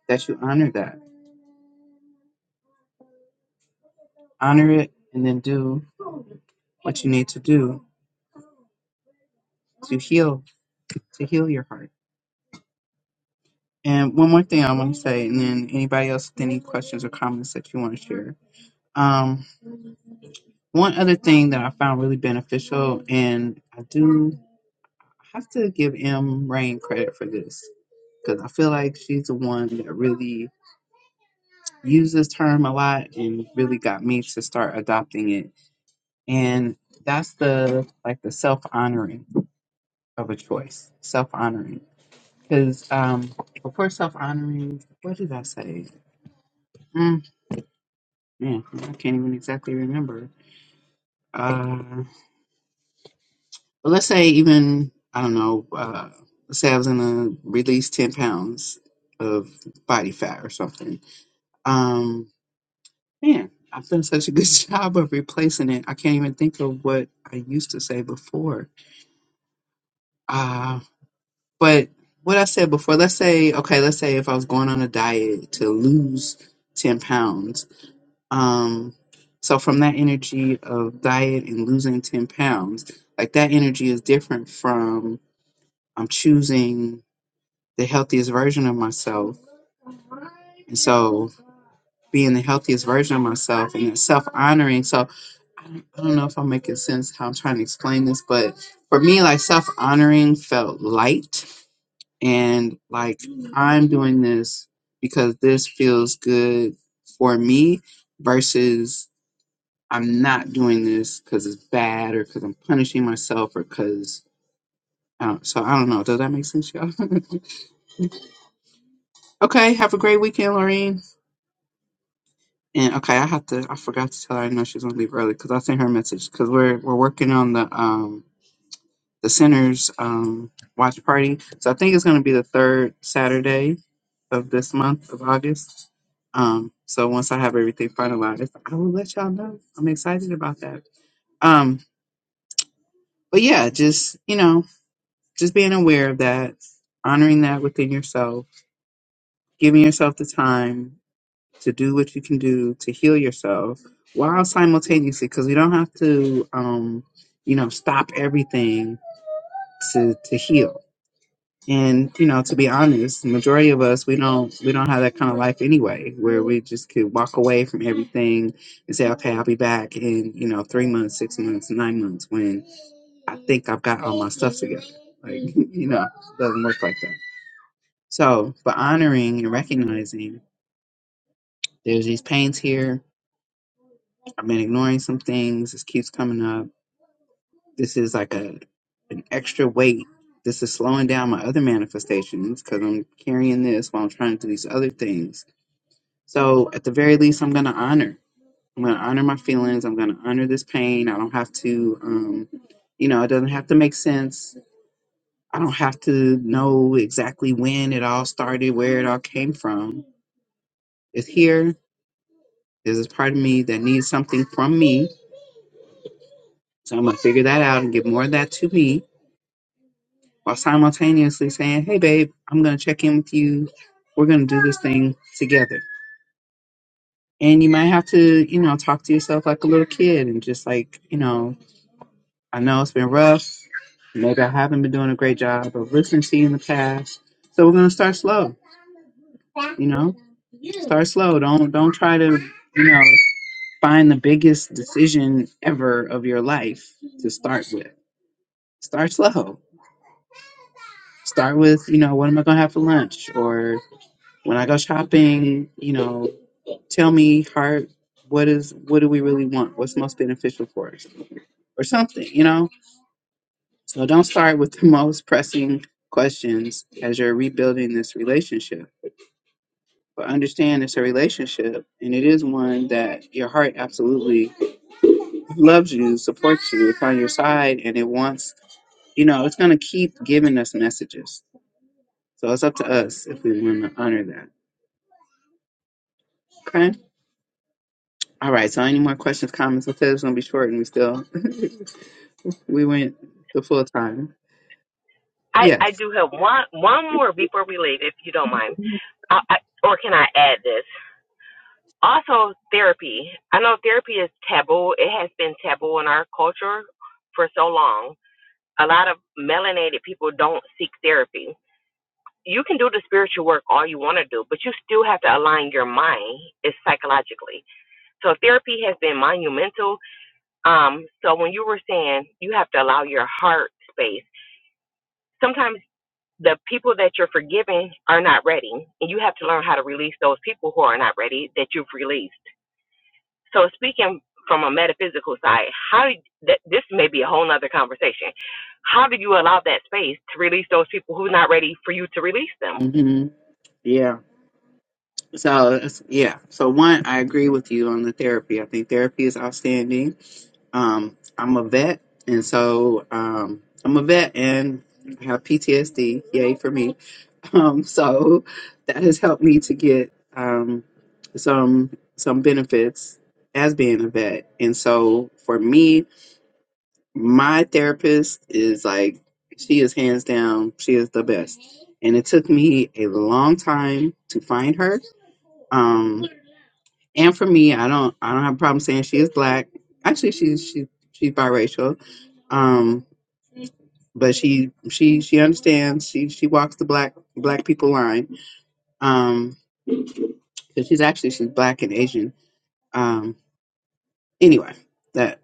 S1: that you honor that. Honor it and then do what you need to do to heal, to heal your heart. And one more thing I want to say, and then anybody else with any questions or comments that you want to share. Um, one other thing that I found really beneficial, and I do have to give M Rain credit for this because I feel like she's the one that really used this term a lot and really got me to start adopting it. And that's the like the self honoring of a choice, self honoring. Because um, before self honoring, what did I say? Mm, man, I can't even exactly remember. Uh, but let's say even I don't know. Uh, let's say I was gonna release ten pounds of body fat or something. Um, Man, I've done such a good job of replacing it. I can't even think of what I used to say before. Uh, but what I said before, let's say, okay, let's say if I was going on a diet to lose 10 pounds. Um, so from that energy of diet and losing 10 pounds, like that energy is different from I'm choosing the healthiest version of myself. And so being the healthiest version of myself and self honoring. So I don't, I don't know if I'm making sense how I'm trying to explain this, but for me, like self honoring felt light and like I'm doing this because this feels good for me versus I'm not doing this because it's bad or because I'm punishing myself or because. I don't, So I don't know. Does that make sense, y'all? okay. Have a great weekend, Lorraine. And okay, I have to. I forgot to tell her. I know she's gonna leave early because I sent her a message because we're we're working on the um the center's um, watch party. So I think it's going to be the third Saturday of this month of August. Um, so once I have everything finalized, I will let y'all know. I'm excited about that. Um, but yeah, just you know, just being aware of that, honoring that within yourself, giving yourself the time to do what you can do to heal yourself while simultaneously, because we don't have to, um, you know, stop everything to to heal And you know, to be honest, the majority of us we don't we don't have that kind of life anyway, where we just could walk away from everything and say, okay, I'll be back in you know three months, six months, nine months when I think I've got all my stuff together. Like you know, it doesn't work like that. So, but honoring and recognizing there's these pains here. I've been ignoring some things. This keeps coming up This is like a an extra weight. This is slowing down my other manifestations because I'm carrying this while I'm trying to do these other things. So at the very least, I'm gonna honor. I'm gonna honor my feelings. I'm gonna honor this pain. I don't have to, um, you know, it doesn't have to make sense. I don't have to know exactly when it all started, where it all came from. It's here. There's this part of me that needs something from me. So I'm gonna figure that out and give more of that to me while simultaneously saying, Hey, babe, I'm going to check in with you. We're going to do this thing together. And you might have to, you know, talk to yourself like a little kid and just like, you know, I know it's been rough. Maybe I haven't been doing a great job of listening to you in the past. So we're going to start slow, you know, start slow. Don't, don't try to, you know, find the biggest decision ever of your life to start with. Start slow. Start with, you know, what am I going to have for lunch? Or When I go shopping, you know, tell me heart, what is what do we really want? What's most beneficial for us? Or something, you know? So don't start with the most pressing questions as you're rebuilding this relationship. But understand it's a relationship and it is one that your heart absolutely loves you, supports you, it's on your side and it wants you know, it's gonna keep giving us messages. So it's up to us if we wanna honor that. Okay. All right. So, any more questions, comments? I said it's gonna be short, and we still we went the full time.
S2: I, I
S1: Yes.
S2: do have one one more before we leave, if you don't mind. I, I, or can I add this? Also, therapy. I know therapy is taboo. It has been taboo in our culture for so long. A lot of melanated people don't seek therapy. You can do the spiritual work all you want to do, but you still have to align your mind is psychologically. So therapy has been monumental. Um, so when you were saying you have to allow your heart space, sometimes the people that you're forgiving are not ready, and you have to learn how to release those people who are not ready that you've released. So speaking from a metaphysical side, how that this may be a whole nother conversation. How do you allow that space to release those people who are not ready for you to release them?
S1: hmm Yeah. So it's- yeah. So one, I agree with you on the therapy. I think therapy is outstanding. Um, I'm a vet, and so um, I'm a vet, and I have PTSD. Yay for me. Um, so that has helped me to get um, some some benefits as being a vet, and so for me. my therapist is like she is hands down she is the best and it took me a long time to find her um and for me i don't i don't have a problem saying she is black actually she's she, she's biracial um but she she she understands she she walks the black black people line um 'cause she's actually she's black and asian um anyway that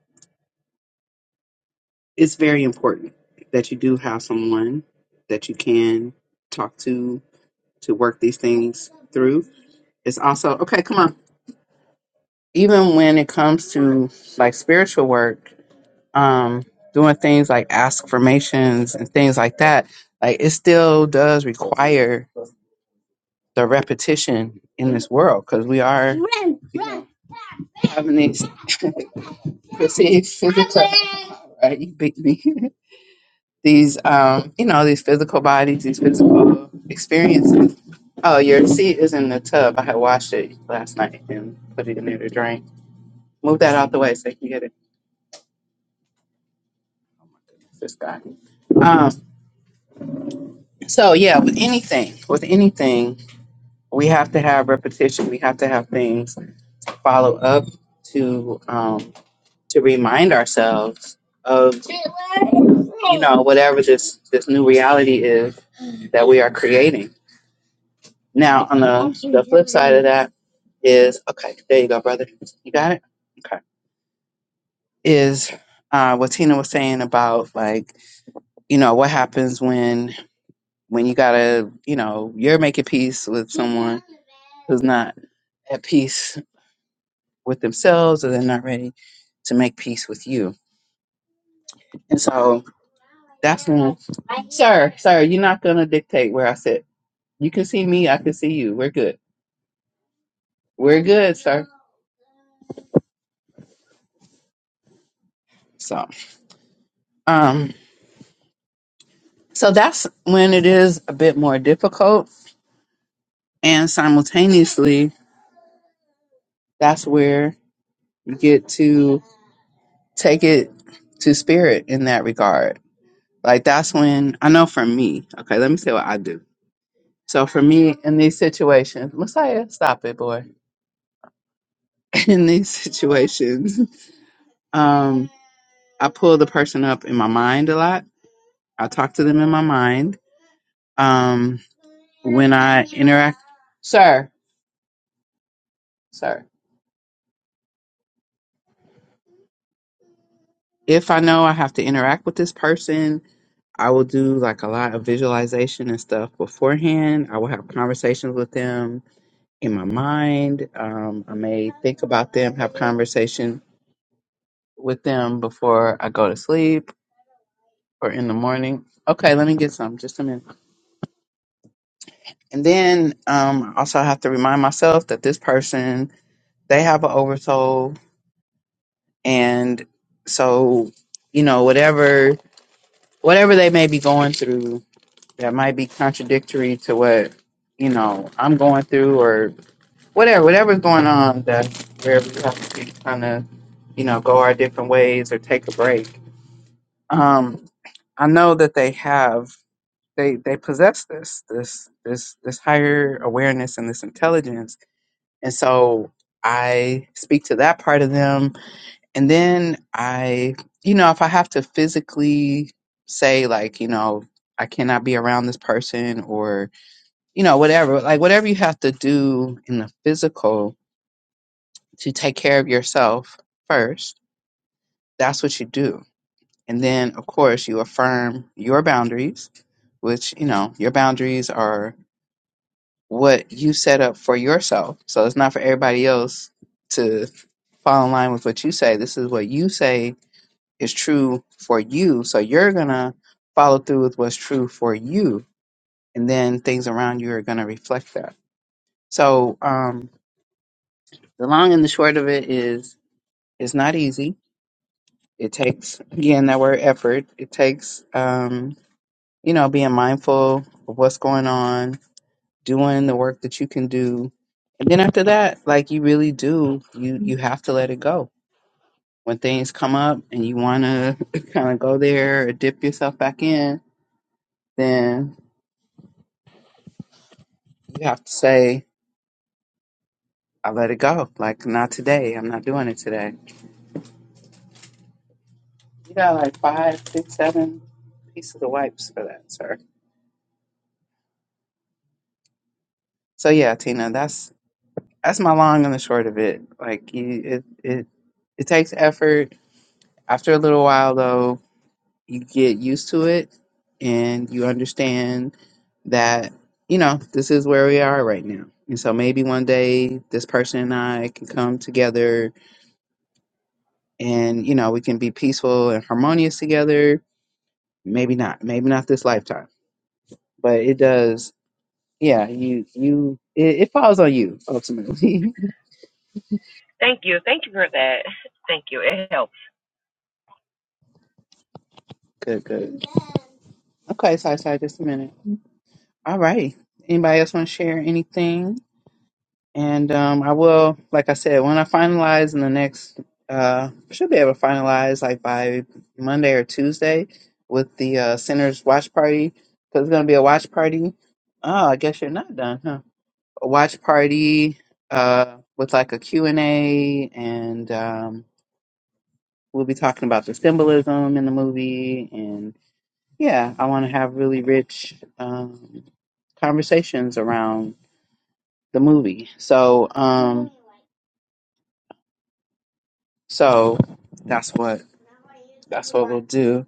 S1: it's very important that you do have someone that you can talk to to work these things through. It's also okay, come on. Even when it comes to like spiritual work, um, doing things like affirmations and things like that, like it still does require the repetition in this world because we are you know, having these perceived physical. Right, you beat me. these, um, you know, these physical bodies, these physical experiences Oh, your seat is in the tub. I had washed it last night and put it in there to drain. Move that out the way so you can get it. It's This guy. Um, so yeah, with anything, with anything, we have to have repetition. We have to have things follow up to um, to remind ourselves of you know whatever this this new reality is that we are creating. Now, on the the flip side of that is okay. There you go, brother. You got it. Okay is uh, what Tina was saying about like you know what happens when when you gotta you know you're making peace with someone who's not at peace with themselves or they're not ready to make peace with you, and so that's when, sir, sir, you're not gonna dictate where I sit. You can see me, I can see you. We're good. We're good, sir. So, um, so that's when it is a bit more difficult, and simultaneously. that's where you get to take it to spirit in that regard. Like that's when I know for me, okay, let me say what I do. So for me in these situations, Messiah, stop it, boy. In these situations, um, I pull the person up in my mind a lot. I talk to them in my mind. Um, when I interact sir, sir. If I know I have to interact with this person I will do like a lot of visualization and stuff beforehand. I will have conversations with them in my mind. Um, I may think about them, have conversation with them before I go to sleep or in the morning. Okay, let me get some, just a minute. And then um, I also have to remind myself that this person, they have an oversoul. And so, you know, whatever whatever they may be going through that might be contradictory to what you know I'm going through or whatever, whatever's going on, that's where we have to be trying to, you know, go our different ways or take a break. Um, I know that they have they they possess this this this this higher awareness and this intelligence, and so I speak to that part of them, and then I, you know, if I have to physically say like, you know. I cannot be around this person or you know whatever like whatever you have to do in the physical to take care of yourself first. That's what you do. And then, of course, you affirm your boundaries, which, you know, your boundaries are what you set up for yourself. So it's not for everybody else to fall in line with what you say. This is what you say is true for you. So you're going to follow through with what's true for you. And then things around you are going to reflect that. So um, the long and the short of it is it's not easy It takes, again, that word effort. It takes, um, you know, being mindful of what's going on, doing the work that you can do. And then after that, like you really do, you, you have to let it go. When things come up and you want to kind of go there or dip yourself back in, then you have to say, I let it go. Like, not today. I'm not doing it today. You got like five, six, seven pieces of wipes for that, sir. So yeah, Tina, that's that's my long and the short of it. Like you, it it it takes effort. After a little while, though, you get used to it, and you understand that you know this is where we are right now. And so maybe one day this person and I can come together, and you know we can be peaceful and harmonious together. Maybe not. Maybe not this lifetime, but it does. Yeah, you you it, it falls on you ultimately.
S2: Thank you. Thank you for that. Thank you. It helps.
S1: good, good. Okay, so I just a minute. All righty. Anybody else want to share anything? And um, I will, like I said, when I finalize in the next, uh, should be able to finalize like by Monday or Tuesday with the uh, Center's watch party because it's going to be a watch party. Oh, I guess you're not done, huh? A watch party uh, with like a Q and a and um, we'll be talking about the symbolism in the movie. And yeah, I want to have really rich um, conversations around the movie. So um so that's what that's what we'll do.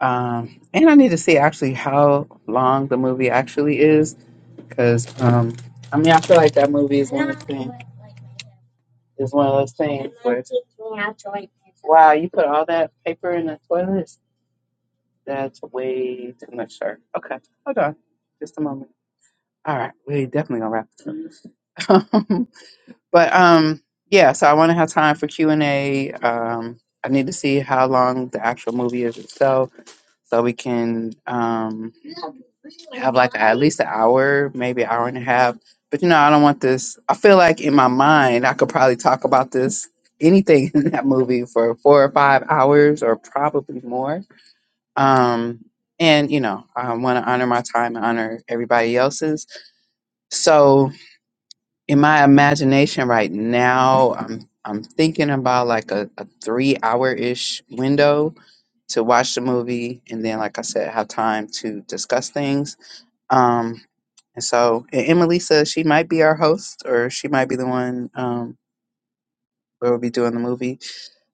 S1: Um and I need to see actually how long the movie actually is cuz um I mean I feel like that movie is one of those things is one of those things where it's- Wow, you put all that paper in the toilet? That's way too much, sir. Okay, hold on. Just a moment. All right, we definitely gonna wrap this up. But um, yeah, so I want to have time for Q and A. Um, I need to see how long the actual movie is itself, so we can um have like at least an hour, maybe an hour and a half. But you know, I don't want this. I feel like in my mind, I could probably talk about this anything in that movie for four or five hours, or probably more. Um, and you know, I want to honor my time and honor everybody else's. So in my imagination right now i'm i'm thinking about like a, a three hour ish window to watch the movie and then like i said have time to discuss things um and so and emily says she might be our host or she might be the one um where we'll be doing the movie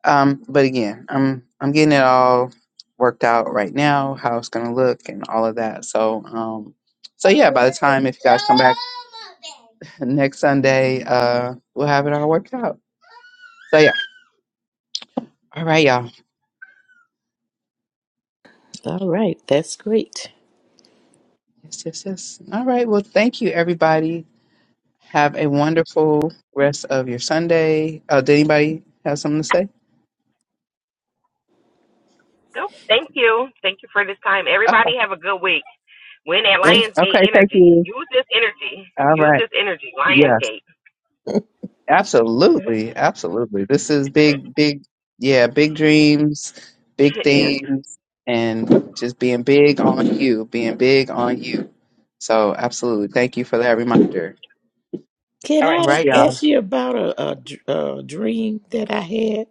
S1: um, but again, I'm I'm getting it all worked out right now, how it's gonna look and all of that. So um so yeah, by the time if you guys come back next Sunday, uh we'll have it all worked out. So yeah. All right, y'all.
S4: All right, that's great.
S1: Yes, yes, yes. All right. Well thank you everybody. Have a wonderful rest of your Sunday. Oh, did anybody have something to say?
S2: So, thank you. Thank you for this time.
S1: Okay.
S2: Everybody have a good week. Win at
S4: That's-
S2: Lionsgate
S1: Okay, thank
S2: Energy.
S1: you.
S2: Use this energy.
S1: All
S2: Use
S1: right.
S2: this energy.
S1: Yeah.
S2: Lionsgate.
S1: Absolutely, absolutely. This is big, big, yeah, big dreams, big
S2: yes.
S1: things, and just being big on you, being big on you. So, absolutely. Thank you for that reminder.
S4: Can
S2: All right.
S1: All
S4: I
S1: right,
S2: Peace.
S1: y'all.
S4: ask you about a, a dr- a dream that I had?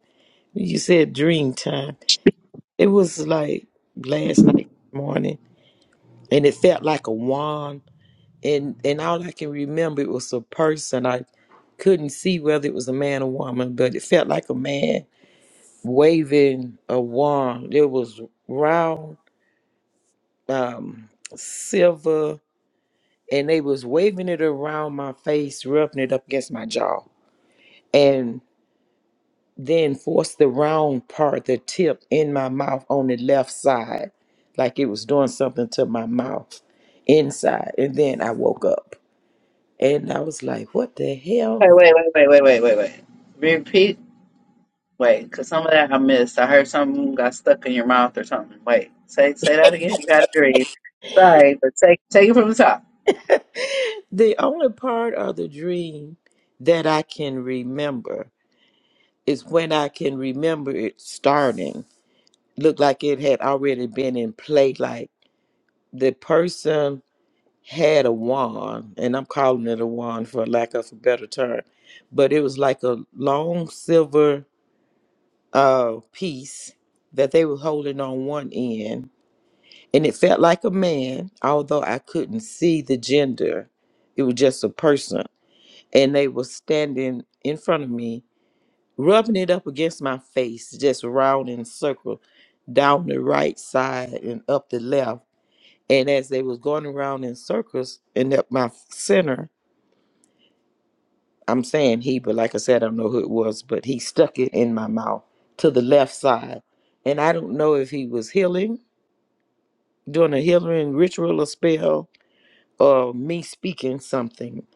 S4: You said dream time. It was like last night morning, and it felt like a wand. And and all I can remember it was a person. I couldn't see whether it was a man or woman, but it felt like a man waving a wand. It was round, um, silver, and they was waving it around my face, rubbing it up against my jaw. and then force the round part, the tip in my mouth on the left side, like it was doing something to my mouth inside. And then I woke up and I was like, what the
S1: Wait,
S4: hell?
S1: wait, wait, wait, wait, wait, wait, wait. Repeat. Wait, because some of that I missed. I heard something got stuck in your mouth or something. Wait, say say that again. You got to breathe. Sorry, but take take it from the top.
S4: The only part of the dream that I can remember is when I can remember it starting. Looked like it had already been in play, like the person had a wand, and I'm calling it a wand for lack of a better term, but it was like a long silver uh, piece that they were holding on one end, and it felt like a man, although I couldn't see the gender. It was just a person, and they were standing in front of me, rubbing it up against my face, just round in a circle, down the right side and up the left. And as they was going around in circles and up my center, I'm saying he, but like I said, I don't know who it was, but he stuck it in my mouth to the left side. And I don't know if he was healing, doing a healing ritual or spell, or me speaking something.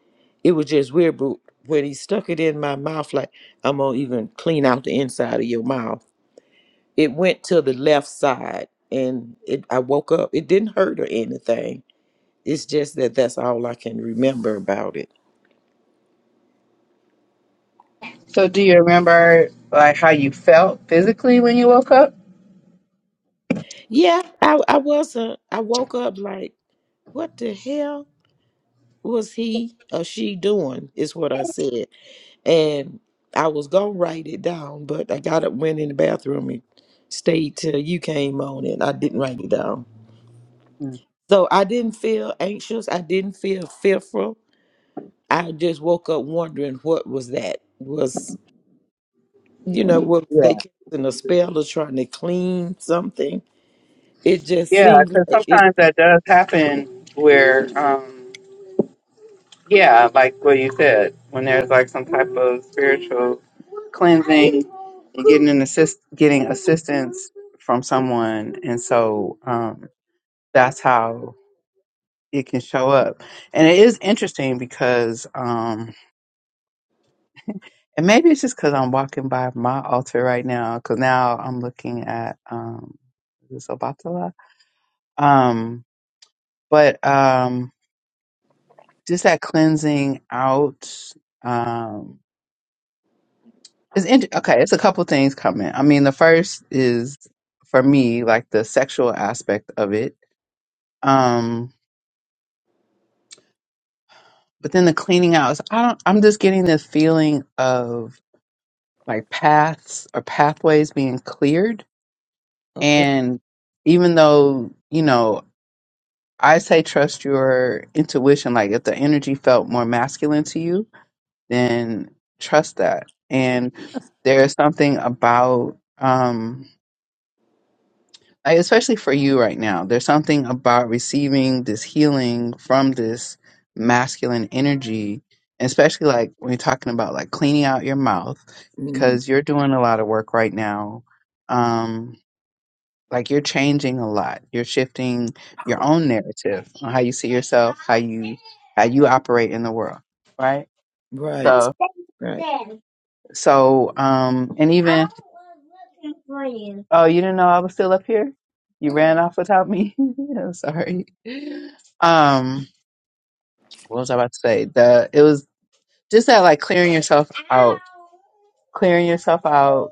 S4: It was just weird, but when he stuck it in my mouth, like, I'm going to even clean out the inside of your mouth, it went to the left side. And it, I woke up. It didn't hurt or anything. It's just that that's all I can remember about it.
S1: So, do you remember like how you felt physically when you woke up?
S4: Yeah, I, I wasn't. I woke up like, what the hell was he or she doing is what i said and i was gonna write it down but i got up went in the bathroom and stayed till you came on and i didn't write it down
S1: Mm.
S4: so i didn't feel anxious i didn't feel fearful i just woke up wondering what was that was you know was they casting a spell or trying to clean something it just
S1: Yeah,
S4: seemed
S1: because
S4: like it
S1: sometimes that does happen where, um, yeah, like what you said, when there's like some type of spiritual cleansing and getting an assist, getting assistance from someone, and so um, that's how it can show up. And it is interesting because, um, and maybe it's just because I'm walking by my altar right now, because now I'm looking at um, is this Obatala? Um, but um, just that cleansing out um is int- okay it's a couple things coming i mean the first is for me like the sexual aspect of it um but then the cleaning out is, i don't i'm just getting this feeling of like paths or pathways being cleared
S4: okay
S1: and even though you know i say trust your intuition like if the energy felt more masculine to you then trust that. And there's something about, um, I- especially for you right now, there's something about receiving this healing from this masculine energy, and especially like when you're talking about like cleaning out your mouth,
S4: Mhm.
S1: because you're doing a lot of work right now. Um, like you're changing a lot. You're shifting your own narrative on how you see yourself, how you how you operate in the world, right?
S4: right
S1: So
S4: right
S1: So, um, and even Oh, you didn't know I was still up here? You ran off without me? I'm sorry. Um, what was I about to say? The it was just that like clearing yourself out, clearing yourself out,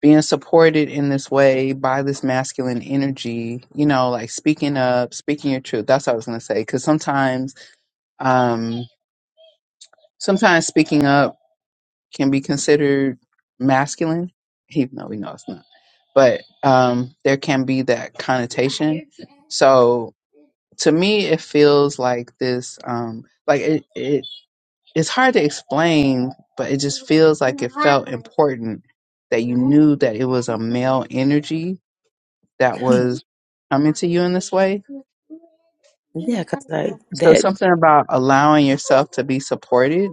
S1: being supported in this way by this masculine energy, you know, like speaking up, speaking your truth. That's what I was gonna say. Cause sometimes, um, sometimes speaking up can be considered masculine, even though we know it's not. But um, there can be that connotation. So to me, it feels like this. Um, like it, it, it's hard to explain, but it just feels like it felt important that you knew that it was a male energy that was coming to you in this way.
S4: yeah because i
S1: So
S4: that
S1: something about allowing yourself to be supported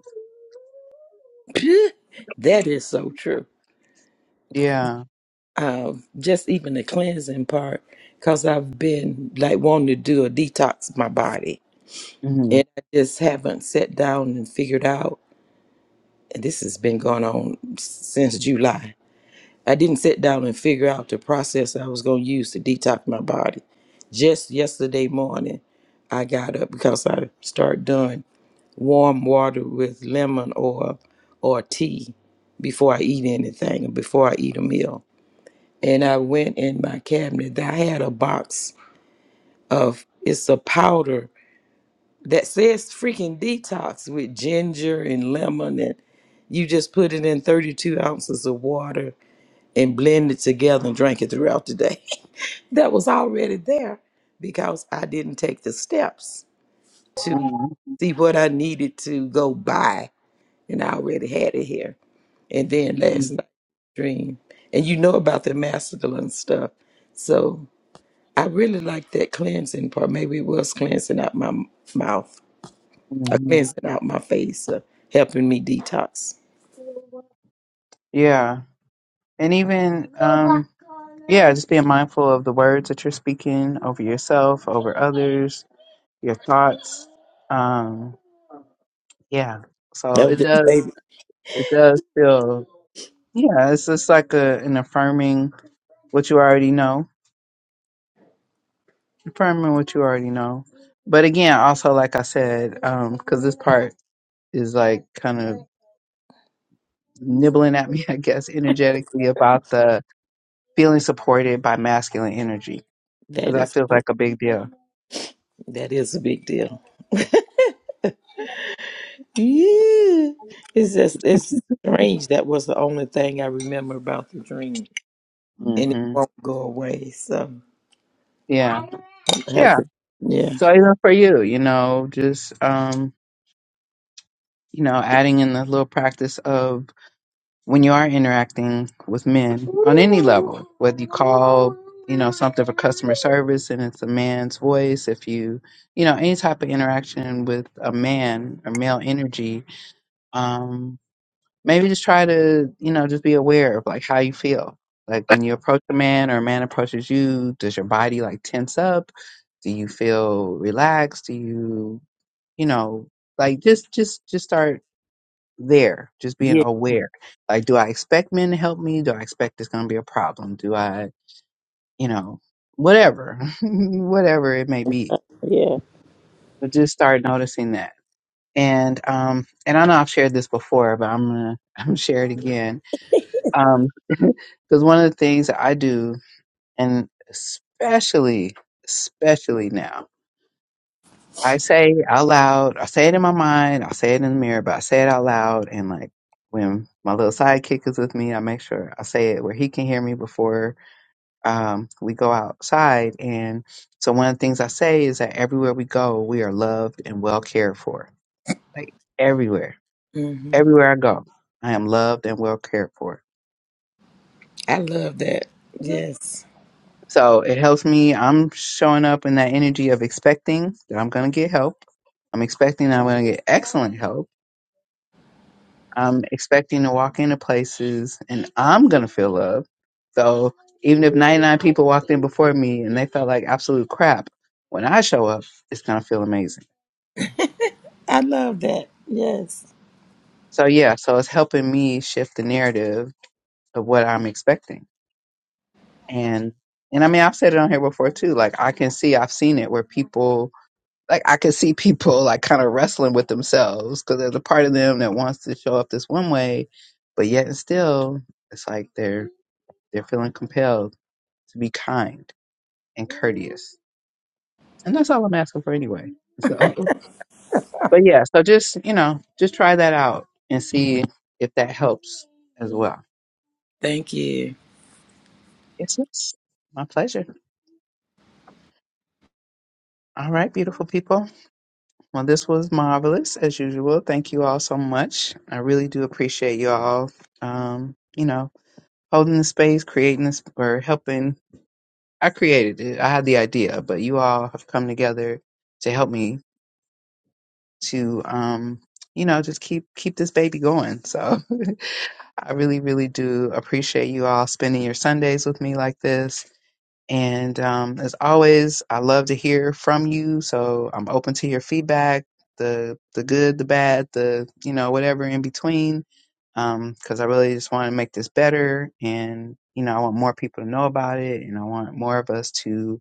S4: that is so true.
S1: yeah.
S4: Um, just even the cleansing part, because I've been like wanting to do a detox of my body,
S1: Mm-hmm.
S4: and I just haven't sat down and figured out. And this has been going on s- since July. I didn't sit down and figure out the process I was going to use to detox my body. Just yesterday morning, I got up because I start doing warm water with lemon oil or tea before I eat anything, before I eat a meal and I went in my cabinet. I had a box of it's a powder that says freaking detox with ginger and lemon, and you just put it in 32 ounces of water and blend it together and drink it throughout the day. that was already there because I didn't take the steps to
S1: Mm-hmm.
S4: see what I needed to go buy, and I already had it here. And then
S1: Mm-hmm.
S4: last night, dream, and you know about the masculine stuff, so. I really like that cleansing part. Maybe it was cleansing out my m- mouth, or
S1: Mm-hmm.
S4: cleansing out my face, or helping me detox.
S1: Yeah. and even um yeah just being mindful of the words that you're speaking over yourself over others your thoughts um yeah so
S4: That was
S1: it
S4: just
S1: does
S4: baby.
S1: it does feel yeah it's just like a, an affirming what you already know affirming what you already know but again also like i said um because this part is like kind of nibbling at me i guess energetically about the feeling supported by masculine energy because
S4: That
S1: that
S4: is
S1: feels
S4: just,
S1: like a big deal
S4: that is a big deal. Yeah, it's just it's strange. That was the only thing I remember about the dream, and it
S1: Mm-hmm.
S4: won't go away. So
S1: Yeah.
S4: I have
S1: Yeah.
S4: to. Yeah,
S1: So even for you, you know, just um, you know, adding in the little practice of when you are interacting with men on any level, whether you call, you know, something for customer service and it's a man's voice, if you, you know, any type of interaction with a man or male energy, um, maybe just try to you know just be aware of like how you feel like when you approach a man or a man approaches you does your body like tense up do you feel relaxed do you you know like just just just start there just being
S4: yeah,
S1: aware like do i expect men to help me do i expect it's going to be a problem do i you know whatever whatever it may be
S4: yeah.
S1: but just start noticing that and um and i know i've shared this before but i'm gonna i'm gonna share it again Um, because one of the things that I do, and especially, especially now, I say out loud, I say it in my mind, I say it in the mirror, but I say it out loud. And like when my little sidekick is with me, I make sure I say it where he can hear me before um, we go outside. And so one of the things I say is that everywhere we go, we are loved and well cared for. Like everywhere,
S4: hmm
S1: everywhere I go, I am loved and well cared for
S4: I love that. Yes,
S1: So it helps me. I'm showing up in that energy of expecting that I'm going to get help. I'm expecting that I'm going to get excellent help. I'm expecting to walk into places and I'm going to feel love. So even if 99 people walked in before me and they felt like absolute crap, when I show up, it's going to feel amazing.
S4: I love that. Yes.
S1: So yeah, so it's helping me shift the narrative of what I'm expecting. And and I mean, I've said it on here before too. Like I can see, I've seen it where people like I could see people like kind of wrestling with themselves because there's a part of them that wants to show up this one way, but yet and still it's like they're they're feeling compelled to be kind and courteous, and that's all I'm asking for anyway. So, but yeah, so just you know, just try that out and see if that helps as well.
S4: Thank you.
S1: Yes, yes, my pleasure. All right, beautiful people. Well, this was marvelous as usual. Thank you all so much. I really do appreciate you all um, you know holding the space, creating this, or helping. I created it. I had the idea, but you all have come together to help me to, um, you know, just keep keep this baby going. So I really, really do appreciate you all spending your Sundays with me like this and um, as always, I love to hear from you. So I'm open to your feedback, the the good, the bad, the you know whatever in between, because I really just want to make this better. And you know, I want more people to know about it, and I want more of us to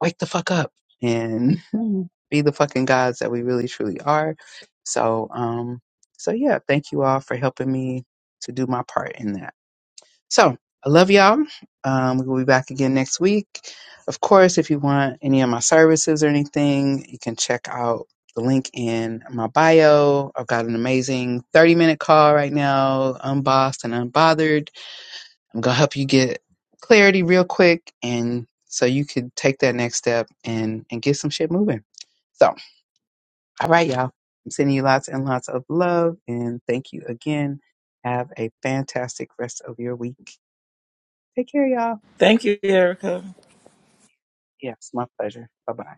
S1: wake the fuck up and be the fucking gods that we really truly are. So, um, so yeah, thank you all for helping me to do my part in that. So I love y'all. Um, we'll be back again next week. Of course, if you want any of my services or anything, you can check out the link in my bio. I've got an amazing 30 minute call right now, unbossed and unbothered. I'm going to help you get clarity real quick. And so you could take that next step and, and get some shit moving. So, all right, y'all. I'm sending you lots and lots of love. And thank you again. Have a fantastic rest of your week. Take care, y'all.
S4: Thank you, Erica.
S1: Yes, my pleasure. Bye bye.